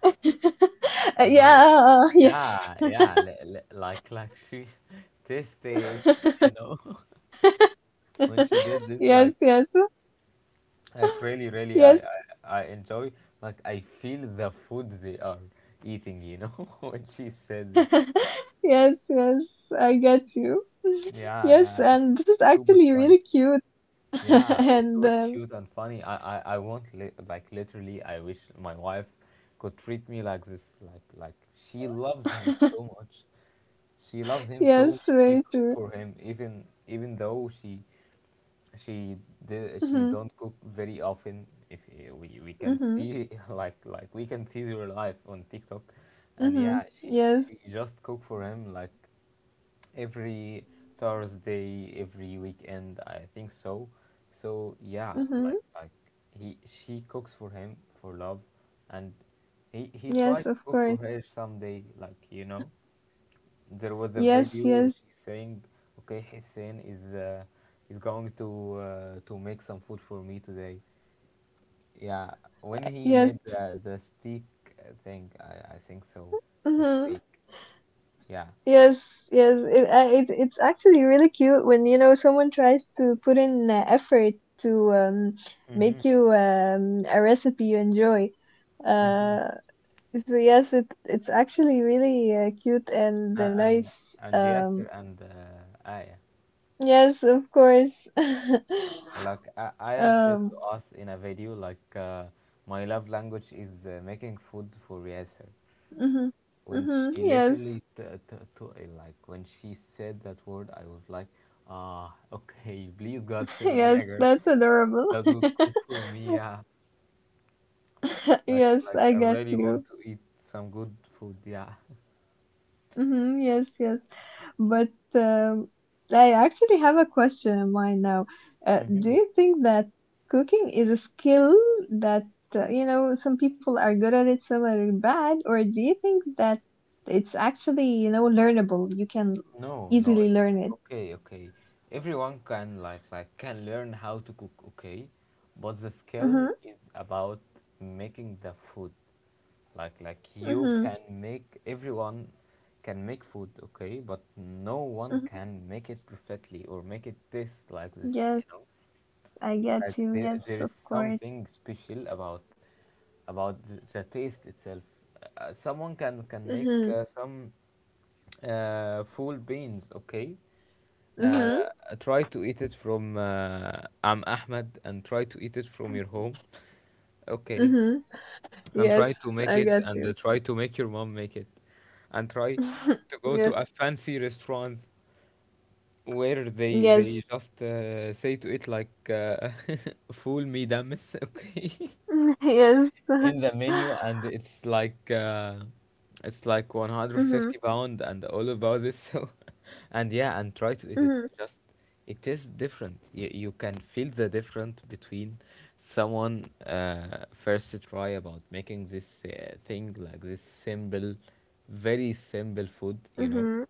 [SPEAKER 1] You know?
[SPEAKER 2] Yeah, yes.
[SPEAKER 1] Yeah. Yeah. Like she this this. You know, when she did this,
[SPEAKER 2] Yes,
[SPEAKER 1] like
[SPEAKER 2] yes,
[SPEAKER 1] like really really
[SPEAKER 2] yes.
[SPEAKER 1] I enjoy. Like I feel the food they are eating. You know, when she said this.
[SPEAKER 2] Yes, yes, I get you.
[SPEAKER 1] Yeah,
[SPEAKER 2] Yes,
[SPEAKER 1] yeah,
[SPEAKER 2] and this is
[SPEAKER 1] it's super
[SPEAKER 2] actually
[SPEAKER 1] funny.
[SPEAKER 2] really cute.
[SPEAKER 1] Yeah, it's
[SPEAKER 2] And
[SPEAKER 1] super cute and funny. I want li like literally, I wish my wife could treat me like this. Like she loves him so much. She loves him so
[SPEAKER 2] yes,
[SPEAKER 1] she
[SPEAKER 2] very
[SPEAKER 1] cook
[SPEAKER 2] true.
[SPEAKER 1] for him even even though she did she
[SPEAKER 2] Mhm,
[SPEAKER 1] don't cook very often. If eh, we can
[SPEAKER 2] mhm,
[SPEAKER 1] see like we can see her life on tiktok, and
[SPEAKER 2] mhm,
[SPEAKER 1] yeah she
[SPEAKER 2] yes,
[SPEAKER 1] she just cook for him like every thursday every weekend I think so. So yeah,
[SPEAKER 2] mhm,
[SPEAKER 1] like he she cooks for him for love, and he tried
[SPEAKER 2] yes,
[SPEAKER 1] to
[SPEAKER 2] of
[SPEAKER 1] cook for
[SPEAKER 2] course,
[SPEAKER 1] her someday, like you know, there was a
[SPEAKER 2] yes,
[SPEAKER 1] video
[SPEAKER 2] yes,
[SPEAKER 1] she saying, "Okay, Hussein is going to make some food for me today." Yeah, when he
[SPEAKER 2] yes,
[SPEAKER 1] made the steak thing, I think so, the
[SPEAKER 2] mhm.
[SPEAKER 1] steak. Yeah.
[SPEAKER 2] Yes, yes, it's actually really cute when you know someone tries to put in effort to
[SPEAKER 1] Mhm.
[SPEAKER 2] make you a recipe you enjoy.
[SPEAKER 1] Mhm.
[SPEAKER 2] Uh, so yes, it it's actually really cute and
[SPEAKER 1] Uh, and
[SPEAKER 2] nice.
[SPEAKER 1] and Yasser and Aya,
[SPEAKER 2] Yes, of course.
[SPEAKER 1] like A Aya said to
[SPEAKER 2] Um,
[SPEAKER 1] us in a video, like my love language is making food for Yasser.
[SPEAKER 2] mhm,
[SPEAKER 1] When
[SPEAKER 2] mhm,
[SPEAKER 1] she
[SPEAKER 2] yes,
[SPEAKER 1] literally t- t- to like when she said that word I was like, ah, okay, please God send me
[SPEAKER 2] yes,
[SPEAKER 1] a girl
[SPEAKER 2] that's adorable.
[SPEAKER 1] that would cook for me, yeah, like
[SPEAKER 2] Yes,
[SPEAKER 1] like
[SPEAKER 2] I
[SPEAKER 1] I
[SPEAKER 2] got
[SPEAKER 1] really
[SPEAKER 2] you.
[SPEAKER 1] want to eat some good food, yeah.
[SPEAKER 2] Hmm, yes, yes. But um, I actually have a question in mind now. Do
[SPEAKER 1] hmm
[SPEAKER 2] you think that cooking is a skill that, you know, some people are good at it, some are bad, or do you think that it's actually, you know, learnable? You can
[SPEAKER 1] No, no,
[SPEAKER 2] easily
[SPEAKER 1] it's
[SPEAKER 2] learn it.
[SPEAKER 1] okay, okay. Everyone can like can learn how to cook, okay? But the skill
[SPEAKER 2] Mm-hmm,
[SPEAKER 1] is about making the food. Like you
[SPEAKER 2] mm-hmm,
[SPEAKER 1] can make everyone can make food, okay? But no one
[SPEAKER 2] mm-hmm.
[SPEAKER 1] can make it perfectly or make it taste like this,
[SPEAKER 2] Yes,
[SPEAKER 1] you know?
[SPEAKER 2] I get
[SPEAKER 1] Like
[SPEAKER 2] you.
[SPEAKER 1] there,
[SPEAKER 2] Yes,
[SPEAKER 1] there
[SPEAKER 2] of
[SPEAKER 1] is
[SPEAKER 2] course.
[SPEAKER 1] something special about the taste itself. Someone can make
[SPEAKER 2] Mm-hmm,
[SPEAKER 1] some full beans, okay?
[SPEAKER 2] mm-hmm,
[SPEAKER 1] Uh, try to eat it from I'm Ahmed, and try to eat it from your home, okay?
[SPEAKER 2] mm-hmm.
[SPEAKER 1] And try to
[SPEAKER 2] Yes,
[SPEAKER 1] make
[SPEAKER 2] I
[SPEAKER 1] it
[SPEAKER 2] get
[SPEAKER 1] and
[SPEAKER 2] you.
[SPEAKER 1] try to make your mom make it, and try to go to
[SPEAKER 2] Yes,
[SPEAKER 1] a fancy restaurant where
[SPEAKER 2] yes,
[SPEAKER 1] they just say to it like fool me damis, okay?
[SPEAKER 2] yes.
[SPEAKER 1] In the menu, and it's like 150
[SPEAKER 2] Mm-hmm,
[SPEAKER 1] pound and all about this, so and yeah and try to eat it,
[SPEAKER 2] mm-hmm.
[SPEAKER 1] just it is different. You can feel the difference between someone first try about making this thing, like this simple very simple food, you know,
[SPEAKER 2] Mhm.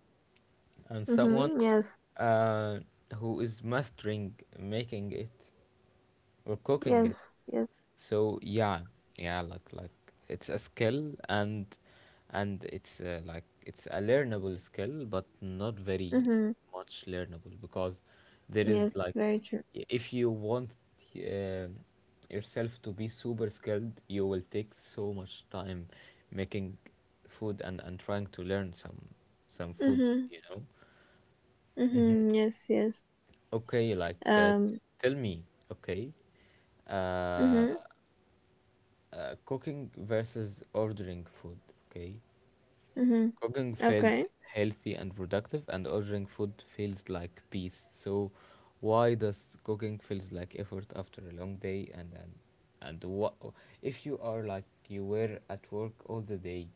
[SPEAKER 1] and someone
[SPEAKER 2] Mhm. Yes.
[SPEAKER 1] uh, who is mastering making it or cooking it.
[SPEAKER 2] Yes. Yes.
[SPEAKER 1] So yeah, yeah, like it's a skill, and it's a learnable skill, but not very
[SPEAKER 2] Mhm.
[SPEAKER 1] much learnable, because there is
[SPEAKER 2] Yes.
[SPEAKER 1] like,
[SPEAKER 2] Very true.
[SPEAKER 1] if you want um yourself to be super skilled, you will take so much time making food and trying to learn some food,
[SPEAKER 2] Mhm.
[SPEAKER 1] you know.
[SPEAKER 2] Mhm. Yes. Yes.
[SPEAKER 1] Okay, like
[SPEAKER 2] Um.
[SPEAKER 1] tell me, okay, uh,
[SPEAKER 2] Mhm.
[SPEAKER 1] cooking versus ordering food, okay.
[SPEAKER 2] Mhm.
[SPEAKER 1] Cooking felt
[SPEAKER 2] Okay.
[SPEAKER 1] healthy and productive, and ordering food feels like peace. So, why does cooking feels like effort after a long day? And what if you are like you were at work all the day?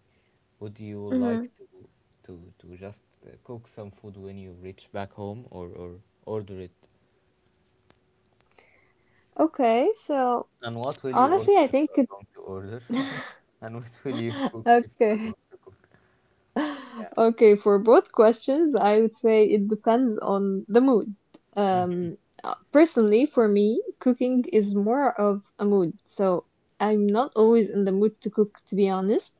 [SPEAKER 1] Would you like
[SPEAKER 2] Mhm.
[SPEAKER 1] to to just cook some food when you reach back home, or order it?
[SPEAKER 2] Okay. So
[SPEAKER 1] And what will you
[SPEAKER 2] honestly,
[SPEAKER 1] order
[SPEAKER 2] I
[SPEAKER 1] if you
[SPEAKER 2] think.
[SPEAKER 1] are
[SPEAKER 2] It...
[SPEAKER 1] going to order? and what will you cook if you are
[SPEAKER 2] okay.
[SPEAKER 1] going to cook?
[SPEAKER 2] Okay, for both questions, I would say it depends on the mood.
[SPEAKER 1] Yeah.
[SPEAKER 2] Um. Personally for me, cooking is more of a mood. So I'm not always in the mood to cook, to be honest.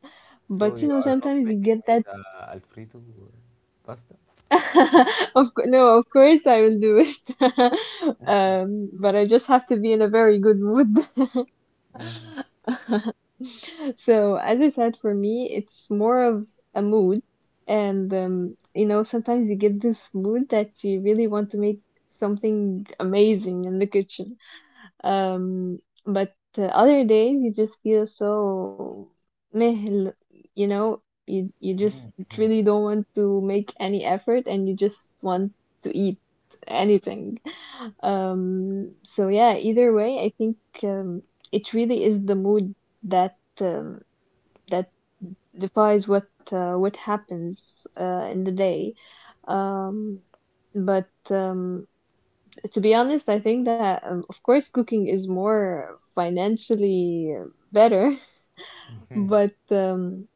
[SPEAKER 1] So
[SPEAKER 2] But you
[SPEAKER 1] you
[SPEAKER 2] know,
[SPEAKER 1] are not
[SPEAKER 2] sometimes you
[SPEAKER 1] making
[SPEAKER 2] get
[SPEAKER 1] me
[SPEAKER 2] that.
[SPEAKER 1] the Alfredo pasta?
[SPEAKER 2] Of cou- no, of course I will do it. But I just have to be in a very good mood.
[SPEAKER 1] Mm-hmm.
[SPEAKER 2] So, as I said, for me, it's more of a mood. And, you know, sometimes you get this mood that you really want to make something amazing in the kitchen. Um, but the other days you just feel so meh, l- you know, you just really don't want to make any effort, and you just want to eat anything. So yeah, either way, I think um, it really is the mood that um, that defines what happens in the day. Um, but to be honest, I think that of course cooking is more financially better, but um,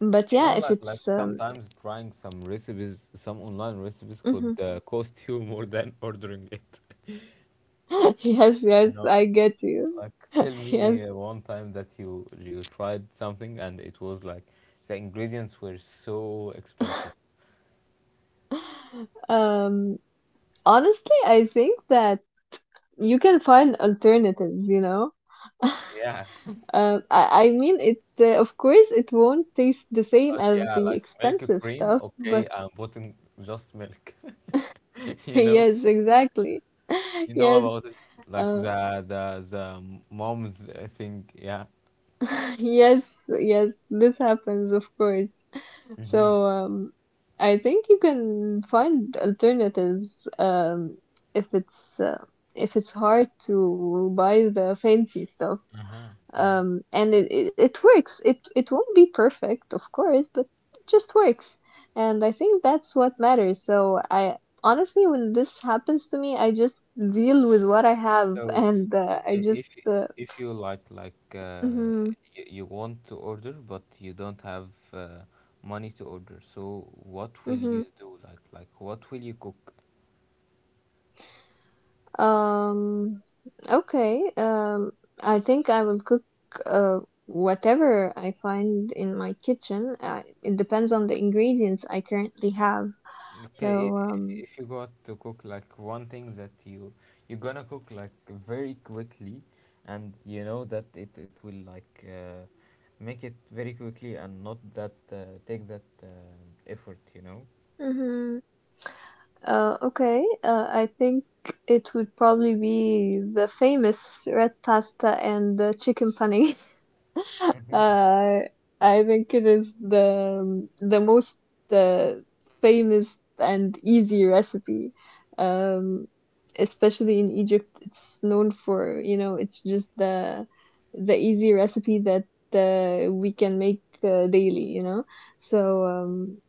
[SPEAKER 2] but
[SPEAKER 1] You know,
[SPEAKER 2] yeah, if
[SPEAKER 1] like
[SPEAKER 2] it's
[SPEAKER 1] sometimes trying some recipes, some online recipes could
[SPEAKER 2] mhm.
[SPEAKER 1] cost you more than ordering it.
[SPEAKER 2] Yes,
[SPEAKER 1] You
[SPEAKER 2] yes,
[SPEAKER 1] know,
[SPEAKER 2] I get you.
[SPEAKER 1] like tell me
[SPEAKER 2] Yes.
[SPEAKER 1] one time that you tried something and it was like the ingredients were so expensive.
[SPEAKER 2] Um, honestly, I think that you can find alternatives, you know.
[SPEAKER 1] Yeah,
[SPEAKER 2] I mean, it of course it won't taste the same as
[SPEAKER 1] yeah,
[SPEAKER 2] the
[SPEAKER 1] like milk
[SPEAKER 2] expensive
[SPEAKER 1] cream.
[SPEAKER 2] stuff, but
[SPEAKER 1] Okay, I'm putting just milk. you know,
[SPEAKER 2] yes, exactly.
[SPEAKER 1] you know about
[SPEAKER 2] Yes.
[SPEAKER 1] it, like
[SPEAKER 2] Uh,
[SPEAKER 1] the the mom's thing, yeah.
[SPEAKER 2] yes, yes, this happens, of course.
[SPEAKER 1] Mm-hmm.
[SPEAKER 2] So, I think you can find alternatives, if it's uh, if it's hard to buy the fancy stuff.
[SPEAKER 1] Uh-huh. Yeah.
[SPEAKER 2] And it, it it works. It won't be perfect, of course, but it just works. And I think that's what matters. So I honestly, when this happens to me, I just deal with what I have,
[SPEAKER 1] So
[SPEAKER 2] and I
[SPEAKER 1] i-
[SPEAKER 2] just
[SPEAKER 1] if y-
[SPEAKER 2] uh,
[SPEAKER 1] if you like
[SPEAKER 2] mhm,
[SPEAKER 1] you, you want to order but you don't have money to order, so what will
[SPEAKER 2] mhm.
[SPEAKER 1] you do? Like what will you cook?
[SPEAKER 2] Um, okay. I think I will cook uh whatever I find in my kitchen. It depends on the ingredients I currently have.
[SPEAKER 1] Okay, i-
[SPEAKER 2] So,
[SPEAKER 1] i- if you got to cook like one thing that you're gonna cook like very quickly, and you know that it will like make it very quickly and not that take that effort, you know.
[SPEAKER 2] mhm. Okay. I think it would probably be the famous red pasta and the chicken pane.
[SPEAKER 1] Mm-hmm.
[SPEAKER 2] Uh, I think it is the most uh, famous and easy recipe. Um, especially in Egypt, it's known for, it's just the easy recipe that we can make daily, you know. So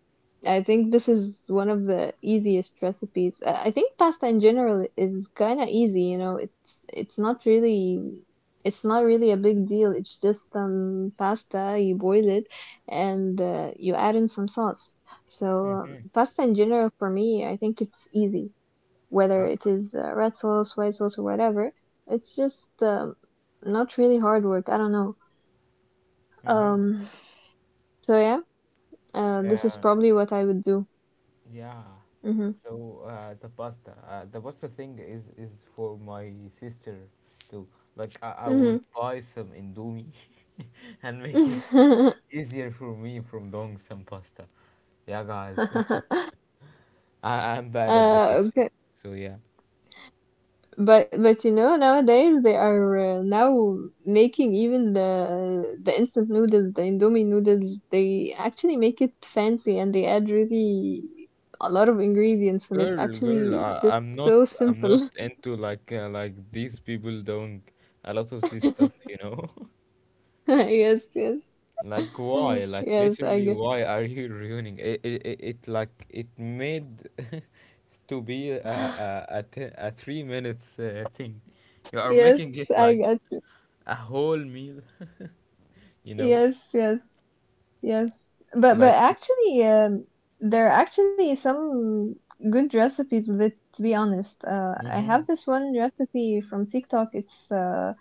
[SPEAKER 2] I think this is one of the easiest recipes. I think pasta in general is kind of easy, you know. It's not really a big deal. It's just pasta, you boil it and you add in some sauce. So pasta in general for me, I think it's easy. Whether it is red sauce, white sauce, or whatever, it's just not really hard work. I don't know.
[SPEAKER 1] Mm-hmm.
[SPEAKER 2] Um, so yeah, this is
[SPEAKER 1] Yeah.
[SPEAKER 2] probably what I would do.
[SPEAKER 1] Yeah.
[SPEAKER 2] Mhm.
[SPEAKER 1] So the pasta thing is for my sister too. Like I would
[SPEAKER 2] Mhm.
[SPEAKER 1] buy some indomie and make it easier for me from doing some pasta. Yeah, guys, I'm bad at the kitchen.
[SPEAKER 2] Okay.
[SPEAKER 1] So yeah.
[SPEAKER 2] But you know, nowadays they are now making even the instant noodles, the Indomie noodles, they actually make it fancy and they add really a lot of ingredients when it's
[SPEAKER 1] Girl, girl,
[SPEAKER 2] actually
[SPEAKER 1] I,
[SPEAKER 2] just
[SPEAKER 1] I'm not
[SPEAKER 2] so
[SPEAKER 1] I'm
[SPEAKER 2] simple.
[SPEAKER 1] not into like these people doing a lot of this stuff, you know.
[SPEAKER 2] Yes, yes.
[SPEAKER 1] Like why? Like
[SPEAKER 2] Yes, I
[SPEAKER 1] literally,
[SPEAKER 2] guess.
[SPEAKER 1] why are you ruining it? It like it made to be a a, a, te- a 3 minutes thing. You are
[SPEAKER 2] Yes,
[SPEAKER 1] making it
[SPEAKER 2] I
[SPEAKER 1] like
[SPEAKER 2] got.
[SPEAKER 1] a whole meal. you know,
[SPEAKER 2] Yes, yes. Yes, but
[SPEAKER 1] like.
[SPEAKER 2] actually, there are actually some good recipes with it, to be honest. I
[SPEAKER 1] Mm-hmm.
[SPEAKER 2] have this one recipe from TikTok. It's uh,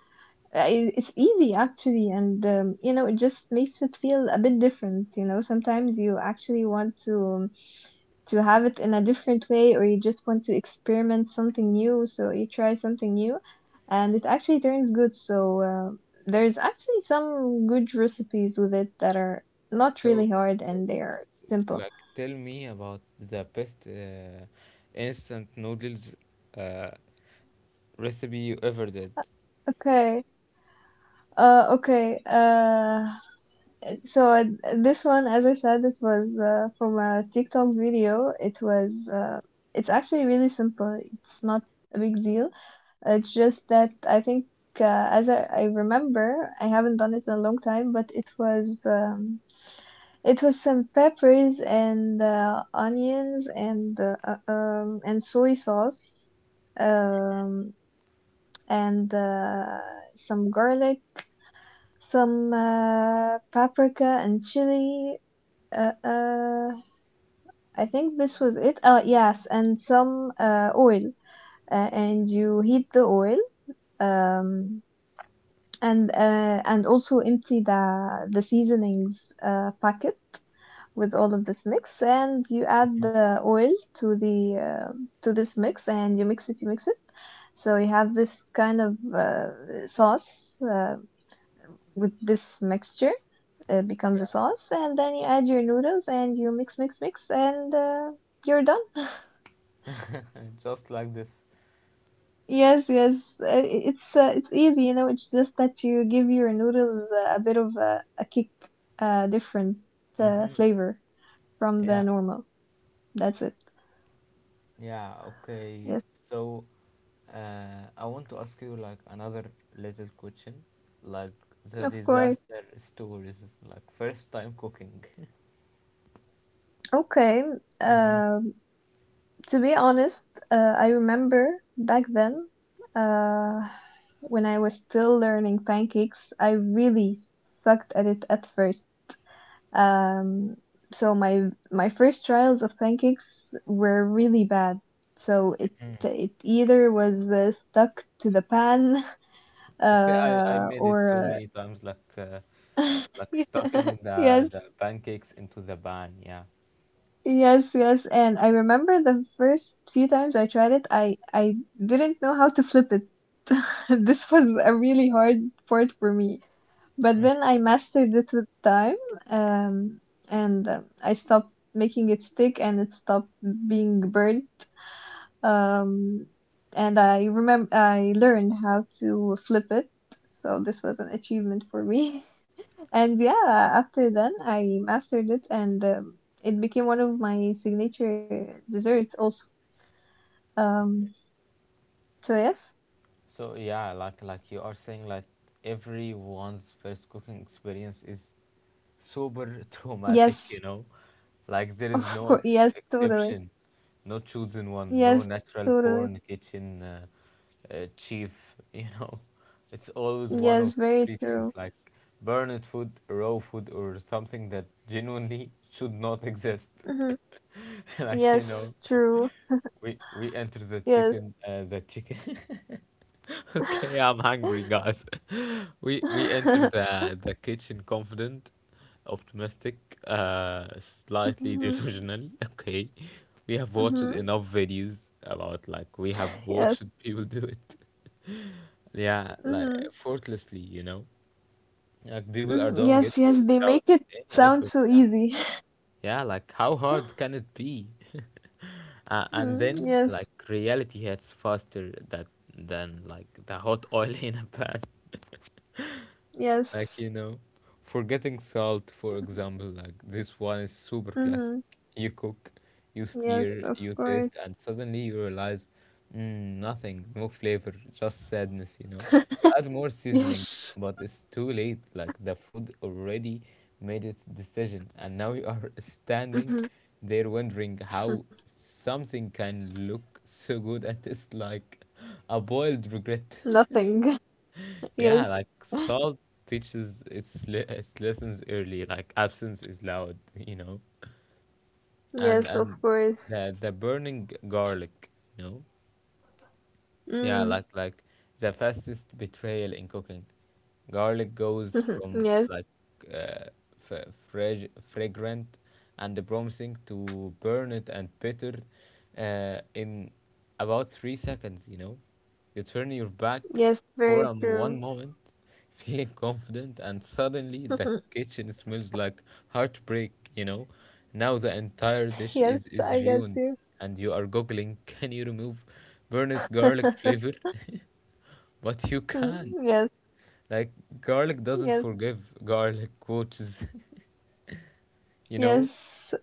[SPEAKER 2] uh, i- It's easy actually, and you know, it just makes it feel a bit different. You know, sometimes you actually want to have it in a different way, or you just want to experiment something new, so you try something new, and it actually turns good. So there's actually some good recipes with it that are not
[SPEAKER 1] So,
[SPEAKER 2] really hard,
[SPEAKER 1] so,
[SPEAKER 2] and they are simple.
[SPEAKER 1] like, tell me about the best instant noodles uh, recipe you ever did.
[SPEAKER 2] Okay. Okay. So this one, as I said, it was from a TikTok video. It's actually really simple. It's not a big deal. It's just that I think as I remember, I haven't done it in a long time, but it was some peppers and onions and soy sauce, um, and some garlic, some paprika and chili uh, uh, I think this was it. Yes, and some oil, and you heat the oil, um, and also empty the seasonings packet with all of this mix, and you add
[SPEAKER 1] Mhm.
[SPEAKER 2] the oil to the uh, to this mix, and you mix it, you mix it. So you have this kind of sauce with this mixture. It becomes a sauce, and then you add your noodles, and you mix, mix, mix, and you're done.
[SPEAKER 1] Yeah, just like this.
[SPEAKER 2] Yes, yes, it's easy, you know. It's just that you give your noodles a bit of a kick, a different
[SPEAKER 1] Mm-hmm.
[SPEAKER 2] flavor from the
[SPEAKER 1] Yeah,
[SPEAKER 2] normal. That's it.
[SPEAKER 1] yeah, okay.
[SPEAKER 2] Yes,
[SPEAKER 1] So I want to ask you like another little question, like the
[SPEAKER 2] of course.
[SPEAKER 1] disaster stories, like first time cooking.
[SPEAKER 2] Okay.
[SPEAKER 1] hmm
[SPEAKER 2] Um, to be honest, I remember back then, uh, when I was still learning pancakes, I really sucked at it at first. Um, so my first trials of pancakes were really bad. So it either was stuck to the pan
[SPEAKER 1] Okay, I made it so
[SPEAKER 2] or
[SPEAKER 1] many times,
[SPEAKER 2] uh,
[SPEAKER 1] like
[SPEAKER 2] yeah,
[SPEAKER 1] stuffing the
[SPEAKER 2] yes,
[SPEAKER 1] pancakes into the pan. Yeah.
[SPEAKER 2] yes, yes, and I remember the first few times I tried it, I didn't know how to flip it. This was a really hard part for me. But then I mastered it with time, um, and I stopped making it stick, and it stopped being burnt. Um, and I remember I learned how to flip it, so this was an achievement for me. And yeah, after then I mastered it, and it became one of my signature desserts also. Um, so yes,
[SPEAKER 1] So yeah, like you are saying, like everyone's first cooking experience is sober traumatic,
[SPEAKER 2] yes,
[SPEAKER 1] you know. Like there is
[SPEAKER 2] of
[SPEAKER 1] no
[SPEAKER 2] course,
[SPEAKER 1] ex
[SPEAKER 2] yes, totally,
[SPEAKER 1] exception, no chosen one, no
[SPEAKER 2] yes,
[SPEAKER 1] natural
[SPEAKER 2] totally,
[SPEAKER 1] porn kitchen chief, you know. It's always one
[SPEAKER 2] yes,
[SPEAKER 1] of
[SPEAKER 2] very
[SPEAKER 1] three things
[SPEAKER 2] true.
[SPEAKER 1] like burned food, raw food, or something that genuinely should not exist.
[SPEAKER 2] Mhm.
[SPEAKER 1] Like, you know,
[SPEAKER 2] Yes, true.
[SPEAKER 1] we enter the
[SPEAKER 2] Yes.
[SPEAKER 1] chicken, the chicken. Okay, I'm hungry, guys. We enter the kitchen confident, optimistic, uh, slightly
[SPEAKER 2] Mhm,
[SPEAKER 1] delusional. Okay, we have watched
[SPEAKER 2] mhm.
[SPEAKER 1] enough videos about like we have
[SPEAKER 2] Yes.
[SPEAKER 1] watched people do it. Yeah, like
[SPEAKER 2] Mhm,
[SPEAKER 1] effortlessly, you know, like people are
[SPEAKER 2] mhm.
[SPEAKER 1] doing it
[SPEAKER 2] Yes, yes, they
[SPEAKER 1] without
[SPEAKER 2] make it
[SPEAKER 1] any
[SPEAKER 2] sound
[SPEAKER 1] effort.
[SPEAKER 2] so
[SPEAKER 1] Yeah.
[SPEAKER 2] easy.
[SPEAKER 1] Yeah, like how hard can it be? And
[SPEAKER 2] Mhm,
[SPEAKER 1] then like
[SPEAKER 2] yes,
[SPEAKER 1] reality hits faster that than like the hot oil in a pan like
[SPEAKER 2] yes.
[SPEAKER 1] you know forgetting salt, for example. Like this one is super
[SPEAKER 2] Mm-hmm.
[SPEAKER 1] classic. You cook, you
[SPEAKER 2] Yes,
[SPEAKER 1] stir,
[SPEAKER 2] of
[SPEAKER 1] you taste,
[SPEAKER 2] course.
[SPEAKER 1] and suddenly you realize nothing, no flavor, just sadness, you know. You add more seasoning,
[SPEAKER 2] Yes.
[SPEAKER 1] but it's too late. Like the food already made its decision, and now you are standing
[SPEAKER 2] Hmm.
[SPEAKER 1] there wondering how something can look so good and taste like a boiled regret.
[SPEAKER 2] Nothing.
[SPEAKER 1] Yeah,
[SPEAKER 2] Yes.
[SPEAKER 1] like salt teaches its lessons early. Like absence is loud, you know, and
[SPEAKER 2] Yes, of
[SPEAKER 1] and
[SPEAKER 2] course.
[SPEAKER 1] the burning garlic, you know, yeah,
[SPEAKER 2] Mm.
[SPEAKER 1] like the fastest betrayal in cooking. Garlic goes from
[SPEAKER 2] Yes.
[SPEAKER 1] like uh, fragrant and promising to burned and bitter in about 3 seconds. You know, you turn your back
[SPEAKER 2] Yes,
[SPEAKER 1] for
[SPEAKER 2] very
[SPEAKER 1] one
[SPEAKER 2] true.
[SPEAKER 1] moment feeling confident, and suddenly the kitchen smells like heartbreak, you know. Now the entire dish
[SPEAKER 2] Yes,
[SPEAKER 1] is
[SPEAKER 2] I got
[SPEAKER 1] ruined,
[SPEAKER 2] you.
[SPEAKER 1] and you are googling, can you remove burnt garlic flavor? But you can't.
[SPEAKER 2] Yes,
[SPEAKER 1] Like, garlic doesn't
[SPEAKER 2] yes,
[SPEAKER 1] forgive, garlic coaches, you know?
[SPEAKER 2] yes.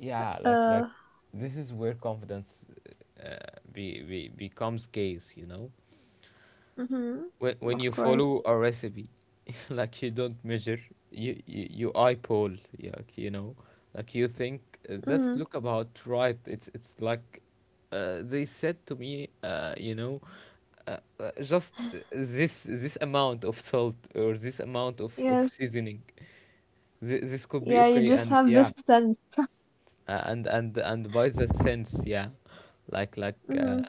[SPEAKER 1] Yeah,
[SPEAKER 2] Uh,
[SPEAKER 1] like this is where confidence uh, becomes case, you know?
[SPEAKER 2] mhm.
[SPEAKER 1] When
[SPEAKER 2] Of
[SPEAKER 1] you follow
[SPEAKER 2] course.
[SPEAKER 1] a recipe like you don't measure, you eyeball. Yeah, like you know, like you think that's
[SPEAKER 2] Mhm.
[SPEAKER 1] look about right. It's like they said to me you know, just this amount of salt or this amount of
[SPEAKER 2] Yes.
[SPEAKER 1] seasoning. This could be
[SPEAKER 2] Yeah, you
[SPEAKER 1] okay,
[SPEAKER 2] just
[SPEAKER 1] and
[SPEAKER 2] have
[SPEAKER 1] yeah,
[SPEAKER 2] this sense.
[SPEAKER 1] and by the sense, yeah, like like uh,
[SPEAKER 2] Mhm.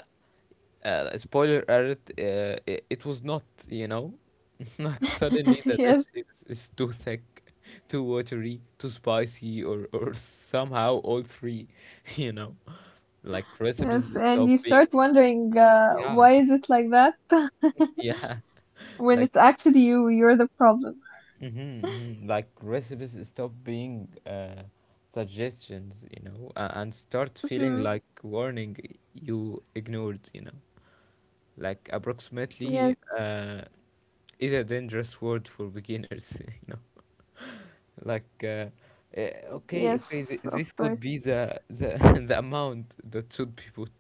[SPEAKER 1] uh, spoiler alert, it was not, you know? Like suddenly the dish
[SPEAKER 2] Yes.
[SPEAKER 1] is too thick, too watery, too spicy, or somehow all three, you know? Like
[SPEAKER 2] Yes,
[SPEAKER 1] recipes
[SPEAKER 2] and you
[SPEAKER 1] stop
[SPEAKER 2] start
[SPEAKER 1] being,
[SPEAKER 2] wondering
[SPEAKER 1] yeah,
[SPEAKER 2] why is it like that.
[SPEAKER 1] yeah.
[SPEAKER 2] When
[SPEAKER 1] Like
[SPEAKER 2] it's actually you, you're the problem.
[SPEAKER 1] mm-hmm, like recipes stop being suggestions, you know, and start feeling
[SPEAKER 2] Mhm.
[SPEAKER 1] like warning you ignored, you know. Like approximately
[SPEAKER 2] Yes.
[SPEAKER 1] is a dangerous word for beginners, you know. Like
[SPEAKER 2] Yes, of course.
[SPEAKER 1] okay, okay, this could be the the amount that should be put.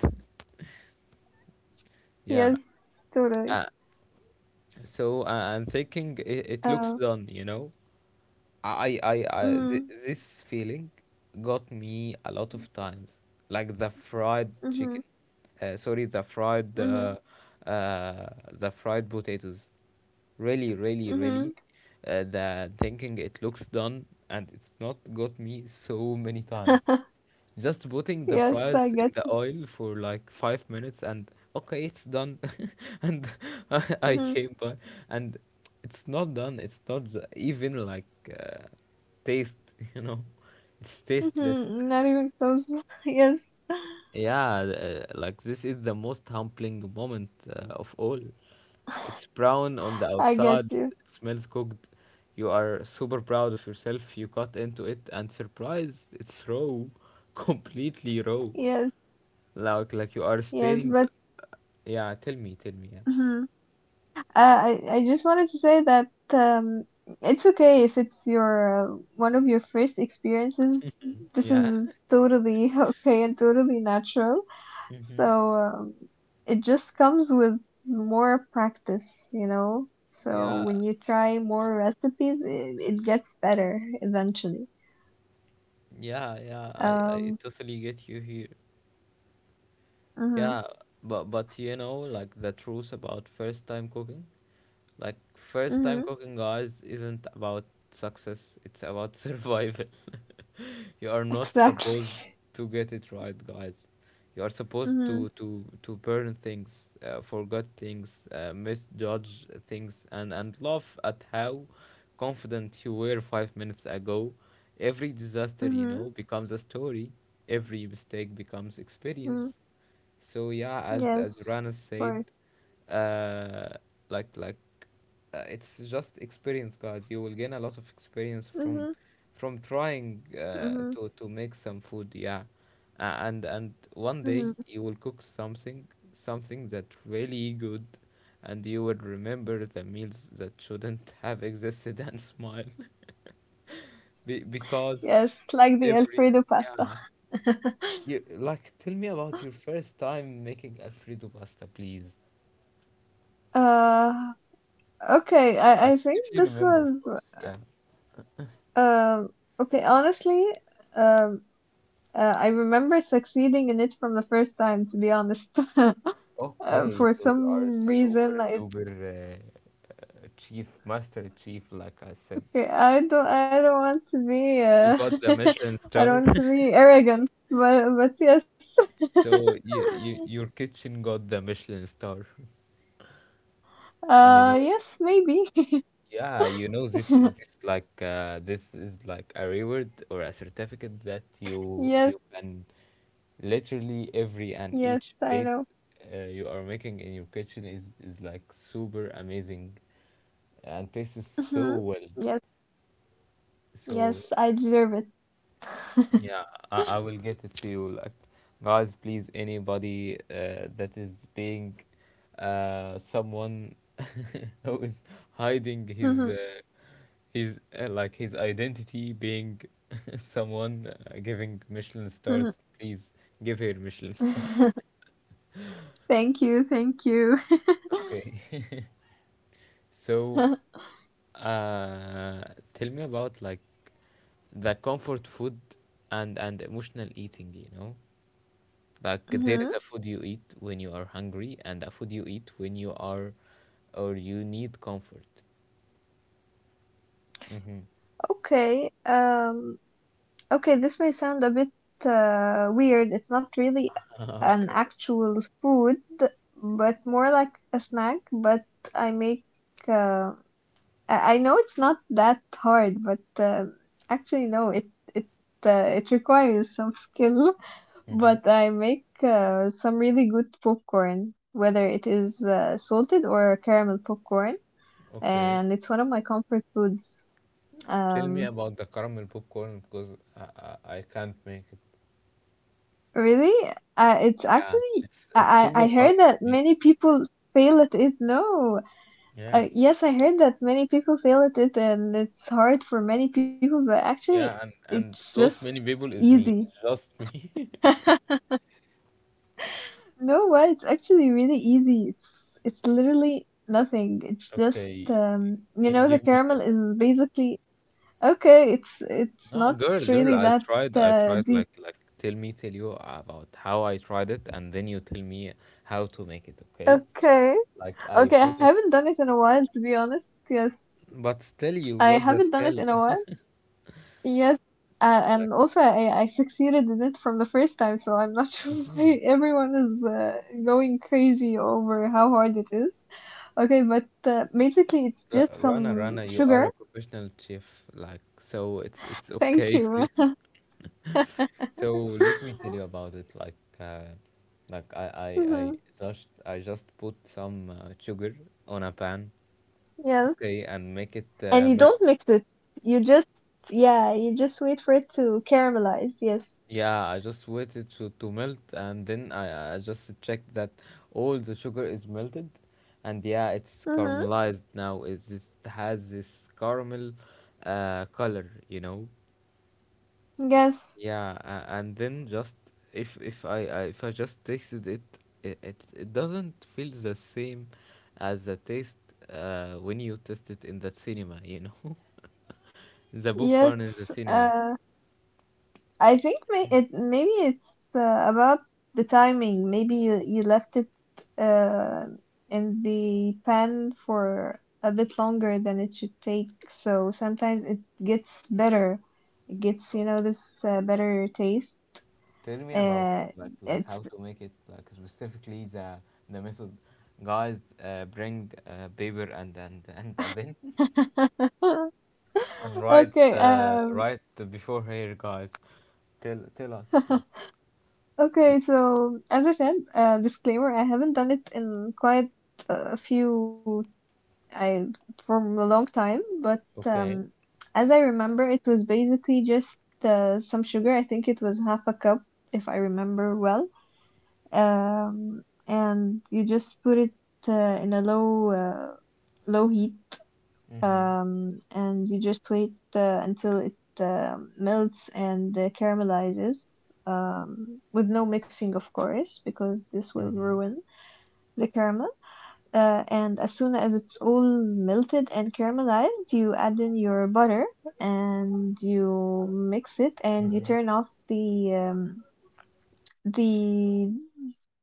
[SPEAKER 2] Yes,
[SPEAKER 1] Yeah,
[SPEAKER 2] totally.
[SPEAKER 1] a- so I'm thinking it,
[SPEAKER 2] Uh,
[SPEAKER 1] it looks done, you know.
[SPEAKER 2] mhm.
[SPEAKER 1] This feeling got me a lot of times, like the fried
[SPEAKER 2] Mhm.
[SPEAKER 1] chicken. Sorry,
[SPEAKER 2] Mhm.
[SPEAKER 1] the fried potatoes. Really, really,
[SPEAKER 2] Mhm.
[SPEAKER 1] really. The thinking it looks done and it's not got me so many times. Just putting the
[SPEAKER 2] Yes,
[SPEAKER 1] fries
[SPEAKER 2] I
[SPEAKER 1] in
[SPEAKER 2] get.
[SPEAKER 1] the oil for like 5 minutes and okay, it's done. And I
[SPEAKER 2] Mhm.
[SPEAKER 1] came by and it's not done. It's not even like taste, you know, it's tasteless.
[SPEAKER 2] Mhm. Not even close. Yes,
[SPEAKER 1] Yeah, like this is the most humbling moment of all. It's brown on the
[SPEAKER 2] I get
[SPEAKER 1] outside,
[SPEAKER 2] you.
[SPEAKER 1] it smells cooked. You are super proud of yourself. You cut into it and surprise, it's raw, completely raw.
[SPEAKER 2] Yes.
[SPEAKER 1] Like you are
[SPEAKER 2] Yes,
[SPEAKER 1] staring.
[SPEAKER 2] but
[SPEAKER 1] Yeah, tell me, tell me. Yeah.
[SPEAKER 2] mhm. I just wanted to say that um, it's okay if it's your one of your first experiences. This
[SPEAKER 1] Yeah.
[SPEAKER 2] is totally okay and totally natural. So
[SPEAKER 1] Mm-hmm.
[SPEAKER 2] um, it just comes with more practice, you know. So
[SPEAKER 1] Yeah,
[SPEAKER 2] when you try more recipes, it gets better eventually.
[SPEAKER 1] yeah, yeah. I
[SPEAKER 2] Um,
[SPEAKER 1] totally get you here.
[SPEAKER 2] mm-hmm,
[SPEAKER 1] Yeah, but you know, like the truth about first time cooking. Like first time
[SPEAKER 2] mm-hmm,
[SPEAKER 1] cooking, guys, isn't about success, it's about survival. You are not supposed
[SPEAKER 2] exactly.
[SPEAKER 1] to get it right, guys. You are supposed
[SPEAKER 2] Mm-hmm,
[SPEAKER 1] to burn things, forget things, misjudge things, and laugh at how confident you were 5 minutes ago. Every disaster, you
[SPEAKER 2] mm-hmm,
[SPEAKER 1] know, becomes a story. Every mistake becomes experience.
[SPEAKER 2] mm-hmm.
[SPEAKER 1] So yeah, as
[SPEAKER 2] Yes,
[SPEAKER 1] Rana
[SPEAKER 2] of
[SPEAKER 1] said,
[SPEAKER 2] course.
[SPEAKER 1] uh, like like it's just experience, guys. You will gain a lot of experience from
[SPEAKER 2] Mm-hmm,
[SPEAKER 1] trying uh,
[SPEAKER 2] mm-hmm,
[SPEAKER 1] to to make some food. Yeah, and one
[SPEAKER 2] mm-hmm.
[SPEAKER 1] day you will cook something that really good, and you will remember the meals that shouldn't have existed and smile. Because
[SPEAKER 2] Yes, like the
[SPEAKER 1] every
[SPEAKER 2] Alfredo
[SPEAKER 1] yeah.
[SPEAKER 2] pasta.
[SPEAKER 1] You like tell me about your first time making Alfredo pasta, please.
[SPEAKER 2] Uh, okay, I,
[SPEAKER 1] Right,
[SPEAKER 2] I think
[SPEAKER 1] if you
[SPEAKER 2] this
[SPEAKER 1] remember, of
[SPEAKER 2] was
[SPEAKER 1] course, yeah.
[SPEAKER 2] um okay, honestly, um I remember succeeding in it from the first time, to be honest.
[SPEAKER 1] Okay,
[SPEAKER 2] For
[SPEAKER 1] so you are
[SPEAKER 2] some reason,
[SPEAKER 1] super
[SPEAKER 2] I
[SPEAKER 1] duper chief, master chief, like I said.
[SPEAKER 2] okay, I don't want to be
[SPEAKER 1] You got the Michelin
[SPEAKER 2] I don't
[SPEAKER 1] star,
[SPEAKER 2] want to be arrogant, but yes.
[SPEAKER 1] so your kitchen got the Michelin star. You know,
[SPEAKER 2] Yes, maybe.
[SPEAKER 1] yeah, you know this this like this is like a reward or a certificate that you
[SPEAKER 2] Yes,
[SPEAKER 1] you can literally every and
[SPEAKER 2] yes,
[SPEAKER 1] each
[SPEAKER 2] I
[SPEAKER 1] plate
[SPEAKER 2] know.
[SPEAKER 1] you are making in your kitchen is like super amazing, and this is
[SPEAKER 2] Mhm.
[SPEAKER 1] so well.
[SPEAKER 2] Yes.
[SPEAKER 1] So
[SPEAKER 2] Yes, I deserve it.
[SPEAKER 1] yeah, I will get it to you. Like, guys, please, anybody that is being someone who is hiding his like his identity, being someone giving Michelin stars, please give her Michelin star.
[SPEAKER 2] Thank you, thank you.
[SPEAKER 1] Okay, so. Uh, tell me about like the comfort food and emotional eating. You know, like there is
[SPEAKER 2] Mhm.
[SPEAKER 1] a food you eat when you are hungry and a food you eat when you are or you need comfort. Mm-hmm.
[SPEAKER 2] Okay, okay, this may sound a bit weird. It's not really
[SPEAKER 1] Ah,
[SPEAKER 2] an
[SPEAKER 1] okay.
[SPEAKER 2] actual food, but more like a snack. But I make, uh, I know it's not that hard, but actually no, it uh, it requires some skill.
[SPEAKER 1] Mm-hmm.
[SPEAKER 2] But I make some really good popcorn, whether it is salted or caramel popcorn,
[SPEAKER 1] Okay.
[SPEAKER 2] and it's one of my comfort foods.
[SPEAKER 1] Tell me
[SPEAKER 2] Um,
[SPEAKER 1] about the caramel popcorn because I, I can't make it.
[SPEAKER 2] really, it's
[SPEAKER 1] Yeah,
[SPEAKER 2] actually
[SPEAKER 1] it's
[SPEAKER 2] I I
[SPEAKER 1] super
[SPEAKER 2] I
[SPEAKER 1] hard
[SPEAKER 2] heard
[SPEAKER 1] for
[SPEAKER 2] that
[SPEAKER 1] me.
[SPEAKER 2] many people fail at it. No,
[SPEAKER 1] Yeah.
[SPEAKER 2] yes, I heard that many people fail at it, and it's hard for many people, but actually,
[SPEAKER 1] Yeah,
[SPEAKER 2] it's
[SPEAKER 1] and
[SPEAKER 2] just
[SPEAKER 1] those many people is me,
[SPEAKER 2] easy.
[SPEAKER 1] just me.
[SPEAKER 2] No, what? It's actually really easy. It's literally nothing. It's just
[SPEAKER 1] Okay,
[SPEAKER 2] you know, the
[SPEAKER 1] give me the
[SPEAKER 2] caramel is
[SPEAKER 1] message.
[SPEAKER 2] basically okay. It's
[SPEAKER 1] No,
[SPEAKER 2] not
[SPEAKER 1] girl,
[SPEAKER 2] really that
[SPEAKER 1] I tried
[SPEAKER 2] deep.
[SPEAKER 1] like tell me, tell you about how I tried it, and then you tell me how to make it, okay?
[SPEAKER 2] Okay.
[SPEAKER 1] Like I
[SPEAKER 2] Okay, I
[SPEAKER 1] put up,
[SPEAKER 2] haven't done it in a while, to be honest. Yes,
[SPEAKER 1] but still you
[SPEAKER 2] I
[SPEAKER 1] got the
[SPEAKER 2] haven't done it in
[SPEAKER 1] skill.
[SPEAKER 2] a while. Yes, and
[SPEAKER 1] Like,
[SPEAKER 2] also I succeeded in it from the first time, so I'm not sure why
[SPEAKER 1] hmm,
[SPEAKER 2] everyone is going crazy over how hard it is. Okay, but basically it's
[SPEAKER 1] R
[SPEAKER 2] just
[SPEAKER 1] Rana,
[SPEAKER 2] some
[SPEAKER 1] Rana, you are
[SPEAKER 2] sugar.
[SPEAKER 1] a professional chef, like so it's
[SPEAKER 2] Thank
[SPEAKER 1] okay for
[SPEAKER 2] you.
[SPEAKER 1] you. So let me tell you about it. Like, like I I I
[SPEAKER 2] hmm
[SPEAKER 1] I just put some sugar on a pan,
[SPEAKER 2] Yes.
[SPEAKER 1] okay, and make it
[SPEAKER 2] And you
[SPEAKER 1] melt.
[SPEAKER 2] don't mix it. You just, yeah, you just wait for it to caramelize. Yes.
[SPEAKER 1] Yeah, I just waited to melt, and then I just checked that all the sugar is melted, and yeah, it's
[SPEAKER 2] Mm-hmm.
[SPEAKER 1] caramelized now. It just has this caramel color, you know?
[SPEAKER 2] Yes,
[SPEAKER 1] Yeah, and then just if I just tasted it, it doesn't feel the same as the taste when you taste it in the cinema, you know? The popcorn in the
[SPEAKER 2] yes.
[SPEAKER 1] cinema.
[SPEAKER 2] Uh, I think maybe it's about the timing. Maybe you you left it uh in the pan for a bit longer than it should take. So sometimes it gets better. It gets,
[SPEAKER 1] So,
[SPEAKER 2] you know, this better taste.
[SPEAKER 1] tell me about
[SPEAKER 2] Uh,
[SPEAKER 1] like
[SPEAKER 2] it's
[SPEAKER 1] how to make it like specifically the method. Guys, bring paper and and a pen and write
[SPEAKER 2] Okay,
[SPEAKER 1] write before here, guys. Tell us, please. We,
[SPEAKER 2] okay, so as I said, disclaimer, I haven't done it in quite a few, I from a long time, but
[SPEAKER 1] okay.
[SPEAKER 2] as I remember, it was basically just some sugar. I think it was half a cup, if I remember well. And you just put it in a low, low heat
[SPEAKER 1] Mm-hmm.
[SPEAKER 2] and you just wait until it melts and caramelizes with no mixing, of course, because this will ruin the caramel. And as soon as it's all melted and caramelized, you add in your butter and you mix it and you turn off the the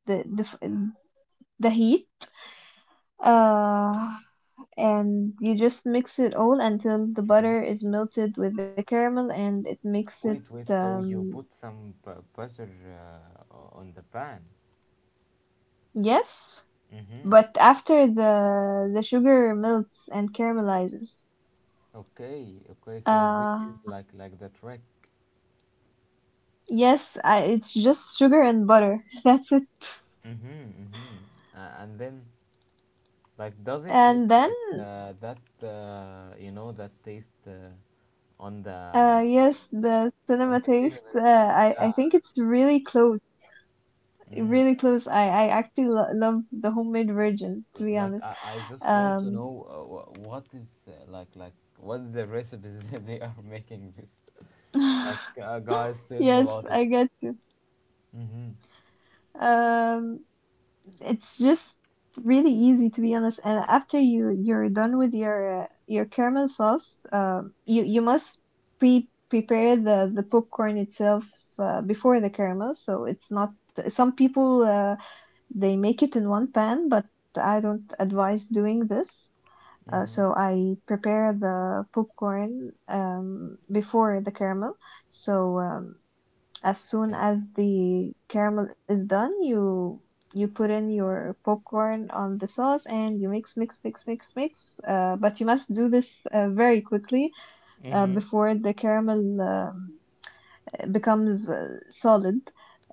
[SPEAKER 2] the the, the heat uh and you just mix it all until the butter is melted with the caramel and it makes it
[SPEAKER 1] Wait, wait. So you
[SPEAKER 2] um
[SPEAKER 1] put some butter on the pan.
[SPEAKER 2] yes,
[SPEAKER 1] Mm-hmm.
[SPEAKER 2] but after the sugar melts and caramelizes
[SPEAKER 1] Okay, okay. So this
[SPEAKER 2] uh
[SPEAKER 1] is like the trick.
[SPEAKER 2] yes, I, it's just sugar and butter that's it.
[SPEAKER 1] Mm-hmm, mm-hmm. And then like, does it
[SPEAKER 2] And
[SPEAKER 1] taste
[SPEAKER 2] then
[SPEAKER 1] like that? You know that taste on the
[SPEAKER 2] yes, the cinema
[SPEAKER 1] on the
[SPEAKER 2] taste,
[SPEAKER 1] cinnamon.
[SPEAKER 2] uh, I
[SPEAKER 1] Yeah.
[SPEAKER 2] I think it's really close,
[SPEAKER 1] Mm.
[SPEAKER 2] really close. I actually lo- love the homemade version, to be
[SPEAKER 1] Like
[SPEAKER 2] honest.
[SPEAKER 1] I just want to know
[SPEAKER 2] um
[SPEAKER 1] what is what is the recipes that they are making this. Like, guys, tell me
[SPEAKER 2] yes,
[SPEAKER 1] about it.
[SPEAKER 2] I get you.
[SPEAKER 1] Mhm.
[SPEAKER 2] Um, it's just really easy, to be honest. And after you you're done with your caramel sauce, you you must prepare the popcorn itself before the caramel. So it's not some people they make it in one pan, but I don't advise doing this.
[SPEAKER 1] Mhm.
[SPEAKER 2] So I prepare the popcorn before the caramel. So as soon
[SPEAKER 1] Yeah.
[SPEAKER 2] as the caramel is done, you put in your popcorn on the sauce and you mix, mix, mix, mix, mix. But you must do this very quickly
[SPEAKER 1] Mm-hmm.
[SPEAKER 2] before the caramel becomes solid.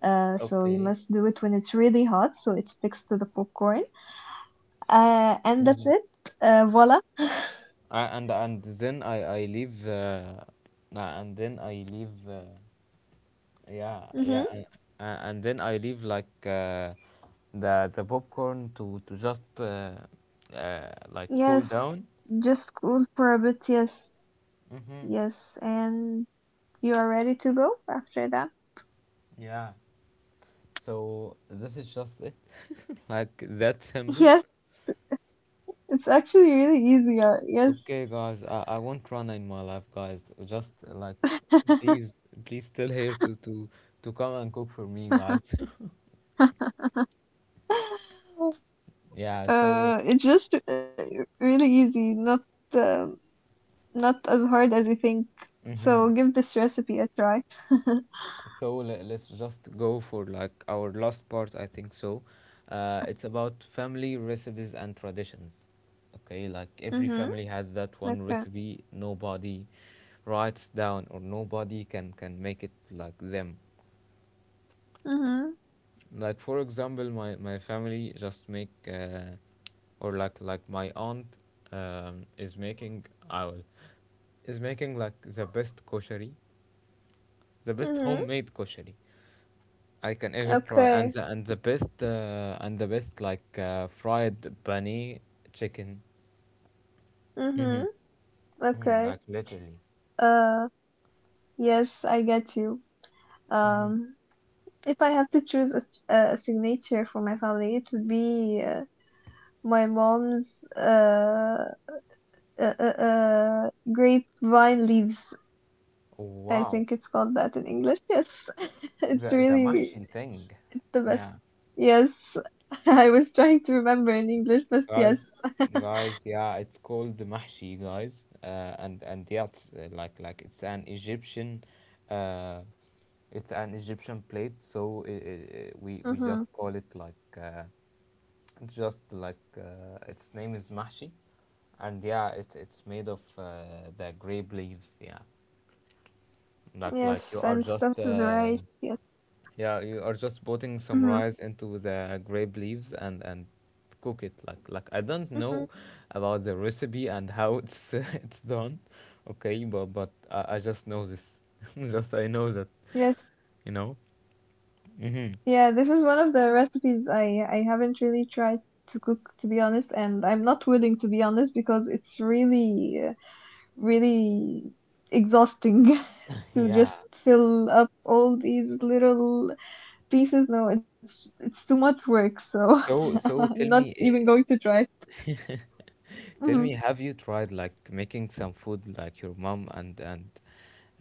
[SPEAKER 2] So you
[SPEAKER 1] Okay.
[SPEAKER 2] must do it when it's really hot, so it sticks to the popcorn. And that's
[SPEAKER 1] Mm-hmm.
[SPEAKER 2] it. Voila.
[SPEAKER 1] I, and then I leave, and then I leave. Yeah,
[SPEAKER 2] Hmm.
[SPEAKER 1] yeah, and, and then I leave like the popcorn to just like cool
[SPEAKER 2] Yes,
[SPEAKER 1] down.
[SPEAKER 2] just cool for a bit. Yes,
[SPEAKER 1] Mm-hmm.
[SPEAKER 2] yes, and you are ready to go after that.
[SPEAKER 1] Yeah. So this is just it, like that simple.
[SPEAKER 2] Yes. It's actually really easy. Yes.
[SPEAKER 1] Okay, guys, I won't run in my life, guys. Just uh, like, please, please, still here to come and cook for me, guys. yeah. So.
[SPEAKER 2] It's just really easy, not um not as hard as you think.
[SPEAKER 1] Mm-hmm.
[SPEAKER 2] So give this recipe a try.
[SPEAKER 1] So let's just go for like our last part. I think so. It's about family recipes and traditions. Okay, like every
[SPEAKER 2] Mhm.
[SPEAKER 1] family has that one
[SPEAKER 2] Okay.
[SPEAKER 1] recipe nobody writes down or nobody can make it like them.
[SPEAKER 2] Mhm.
[SPEAKER 1] Like for example, my family just make or like my aunt is making owl is making like the best koshari, the best
[SPEAKER 2] Mhm.
[SPEAKER 1] homemade koshari I can ever try. And
[SPEAKER 2] Okay.
[SPEAKER 1] the best fried bunny chicken. Mm-hmm.
[SPEAKER 2] Mhm.
[SPEAKER 1] hmm
[SPEAKER 2] Okay.
[SPEAKER 1] Like literally.
[SPEAKER 2] Uh, yes, I get you.
[SPEAKER 1] Hmm
[SPEAKER 2] Um, if I have to choose a signature for my family, it would be my mom's grapevine leaves. I think
[SPEAKER 1] Wow,
[SPEAKER 2] it's called that in English. Yes, it's
[SPEAKER 1] the
[SPEAKER 2] really
[SPEAKER 1] mahshi thing.
[SPEAKER 2] it's the best.
[SPEAKER 1] Yeah.
[SPEAKER 2] Yes, I was trying to remember in English, but
[SPEAKER 1] Guys,
[SPEAKER 2] yes.
[SPEAKER 1] guys, yeah, it's called the mahshi, guys. And yeah, it's like uh, it's an Egyptian plate. So i i i- we we just
[SPEAKER 2] hmm
[SPEAKER 1] call it like. Just like Its name is Mahshi, and yeah, it's made of the grape leaves. Yeah, like you
[SPEAKER 2] Yes,
[SPEAKER 1] are
[SPEAKER 2] and stuff
[SPEAKER 1] just
[SPEAKER 2] to the rice. Yes.
[SPEAKER 1] yeah you are just putting some
[SPEAKER 2] hmm
[SPEAKER 1] rice into the grape leaves and cook it like I don't
[SPEAKER 2] hmm
[SPEAKER 1] know about the recipe and how it's it's done. Okay, but I just know this. just I know that,
[SPEAKER 2] Yes.
[SPEAKER 1] you know. Hmm
[SPEAKER 2] Yeah, this is one of the recipes I haven't really tried to cook, to be honest, and I'm not willing, to be honest, because it's really, really exhausting. To
[SPEAKER 1] Yeah.
[SPEAKER 2] just fill up all these little pieces. No, it's too much work, so
[SPEAKER 1] So
[SPEAKER 2] I'm
[SPEAKER 1] so
[SPEAKER 2] not
[SPEAKER 1] tell me.
[SPEAKER 2] even going to try.
[SPEAKER 1] eh, Tell
[SPEAKER 2] Mhm.
[SPEAKER 1] me, have you tried like making some food like your mom and and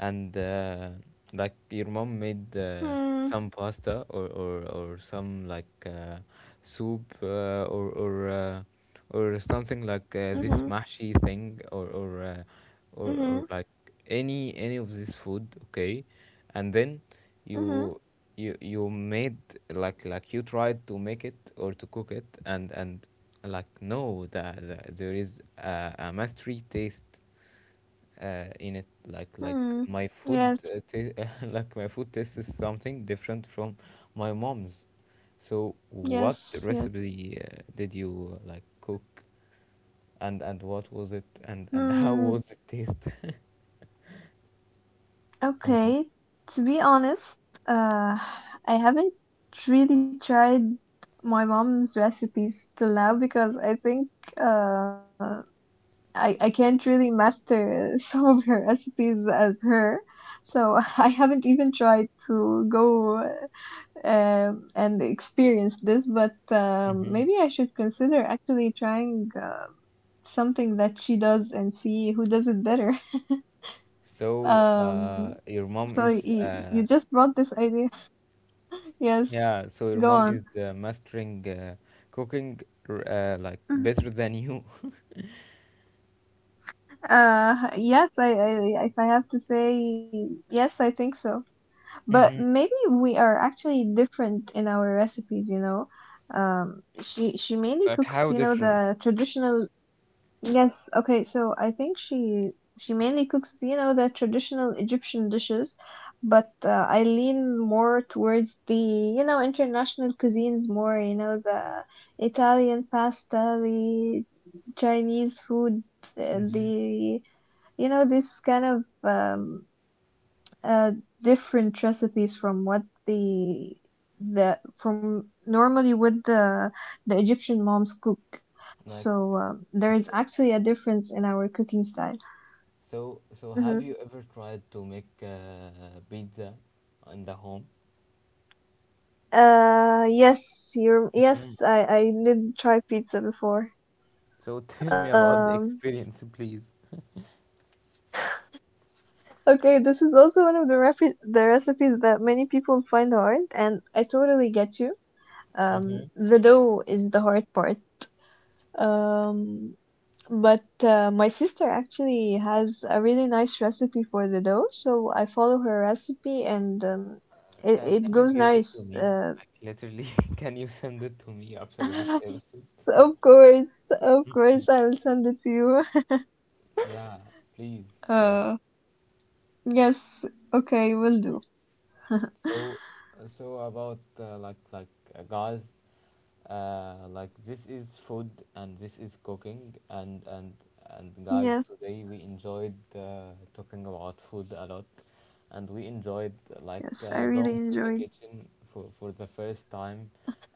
[SPEAKER 1] and uh, like your mom made
[SPEAKER 2] Hmm.
[SPEAKER 1] some pasta, or some like soup, or something like this
[SPEAKER 2] Mhm.
[SPEAKER 1] mashi thing, or or uh, or or
[SPEAKER 2] Mhm.
[SPEAKER 1] like any of this food, okay? And then
[SPEAKER 2] Mhm.
[SPEAKER 1] you you made like you tried to make it or to cook it, and like no there is a mastery taste in it like
[SPEAKER 2] Hmm.
[SPEAKER 1] my food
[SPEAKER 2] Yes.
[SPEAKER 1] like my food taste is something different from my mom's. So what
[SPEAKER 2] Yes. Yes.
[SPEAKER 1] recipe did you like cook, and what was it,
[SPEAKER 2] Hmm.
[SPEAKER 1] and how was it taste?
[SPEAKER 2] Okay. To be honest, uh, I haven't really tried my mom's recipes till now because I think uh I can't really master some of her recipes as her. So I haven't even tried to go and experience this, but
[SPEAKER 1] hmm
[SPEAKER 2] maybe I should consider actually trying something that she does and see who does it better.
[SPEAKER 1] So
[SPEAKER 2] Um,
[SPEAKER 1] your mom
[SPEAKER 2] so y-
[SPEAKER 1] is
[SPEAKER 2] you just brought this idea. Yes,
[SPEAKER 1] yeah. So your
[SPEAKER 2] go
[SPEAKER 1] mom
[SPEAKER 2] on.
[SPEAKER 1] is mastering cooking, like
[SPEAKER 2] Mhm.
[SPEAKER 1] better than you.
[SPEAKER 2] Yes, I, if I have to say, yes, I think so. But
[SPEAKER 1] hmm
[SPEAKER 2] maybe we are actually different in our recipes, you know. She mainly
[SPEAKER 1] Like
[SPEAKER 2] cooks,
[SPEAKER 1] how
[SPEAKER 2] you know,
[SPEAKER 1] different?
[SPEAKER 2] the traditional. Yes, okay. So I think she mainly cooks, you know, the traditional Egyptian dishes, but I lean more towards the, you know, international cuisines more, you know, the Italian pasta, the Chinese food, uh,
[SPEAKER 1] Mm-hmm.
[SPEAKER 2] the, you know, this kind of um, uh, different recipes from what the the from normally what the Egyptian moms cook.
[SPEAKER 1] Like,
[SPEAKER 2] So there is
[SPEAKER 1] okay.
[SPEAKER 2] actually a difference in our cooking style.
[SPEAKER 1] So, so have
[SPEAKER 2] Mm-hmm.
[SPEAKER 1] you ever tried to make pizza in the home?
[SPEAKER 2] Yes, you're,
[SPEAKER 1] Hmm
[SPEAKER 2] yes, I did try pizza before.
[SPEAKER 1] So tell me about the
[SPEAKER 2] Um,
[SPEAKER 1] experience, please.
[SPEAKER 2] okay, this is also one of the the recipes that many people find hard, and I totally get you.
[SPEAKER 1] Hmm
[SPEAKER 2] The dough is the hard part. Um, But my sister actually has a really nice recipe for the dough, so I follow her recipe and
[SPEAKER 1] Uh,
[SPEAKER 2] it,
[SPEAKER 1] can,
[SPEAKER 2] it
[SPEAKER 1] can you
[SPEAKER 2] goes
[SPEAKER 1] give it to
[SPEAKER 2] nice.
[SPEAKER 1] me? Like, literally, can you send it to me after this episode?
[SPEAKER 2] Of of course, I'll send it to you.
[SPEAKER 1] Yeah, please. Yeah.
[SPEAKER 2] Uh, yes, okay, will do.
[SPEAKER 1] So, so about like guys, like this is food and this is cooking, and guys,
[SPEAKER 2] Yes,
[SPEAKER 1] today we enjoyed talking about food a lot, and we enjoyed
[SPEAKER 2] yes, I really
[SPEAKER 1] going to the
[SPEAKER 2] enjoyed.
[SPEAKER 1] kitchen for the first time,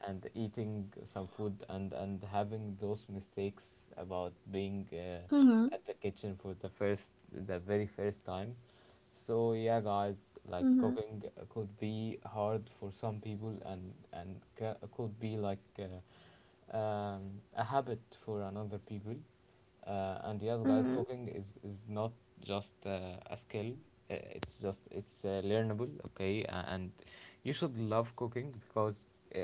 [SPEAKER 1] and eating some food, and having those mistakes about being
[SPEAKER 2] Mm-hmm,
[SPEAKER 1] at the kitchen for the first, the very first time. So yeah guys, like
[SPEAKER 2] mm-hmm,
[SPEAKER 1] cooking could be hard for some people, and could be like a habit for another people. And yes guys,
[SPEAKER 2] mm-hmm.
[SPEAKER 1] cooking is not just a skill. It's learnable, okay. And you should love cooking because uh,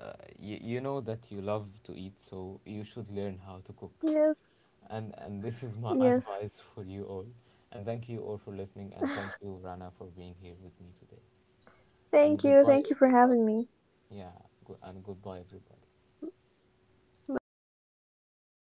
[SPEAKER 1] uh, you know that you love to eat, so you should learn how to cook.
[SPEAKER 2] Yes,
[SPEAKER 1] And this is my
[SPEAKER 2] yes.
[SPEAKER 1] advice for you all, and thank you all for listening, and thank you Rana for being here with me today, and goodbye
[SPEAKER 2] Thank you for having
[SPEAKER 1] everybody.
[SPEAKER 2] me.
[SPEAKER 1] Yeah. And goodbye everybody.
[SPEAKER 2] Bye.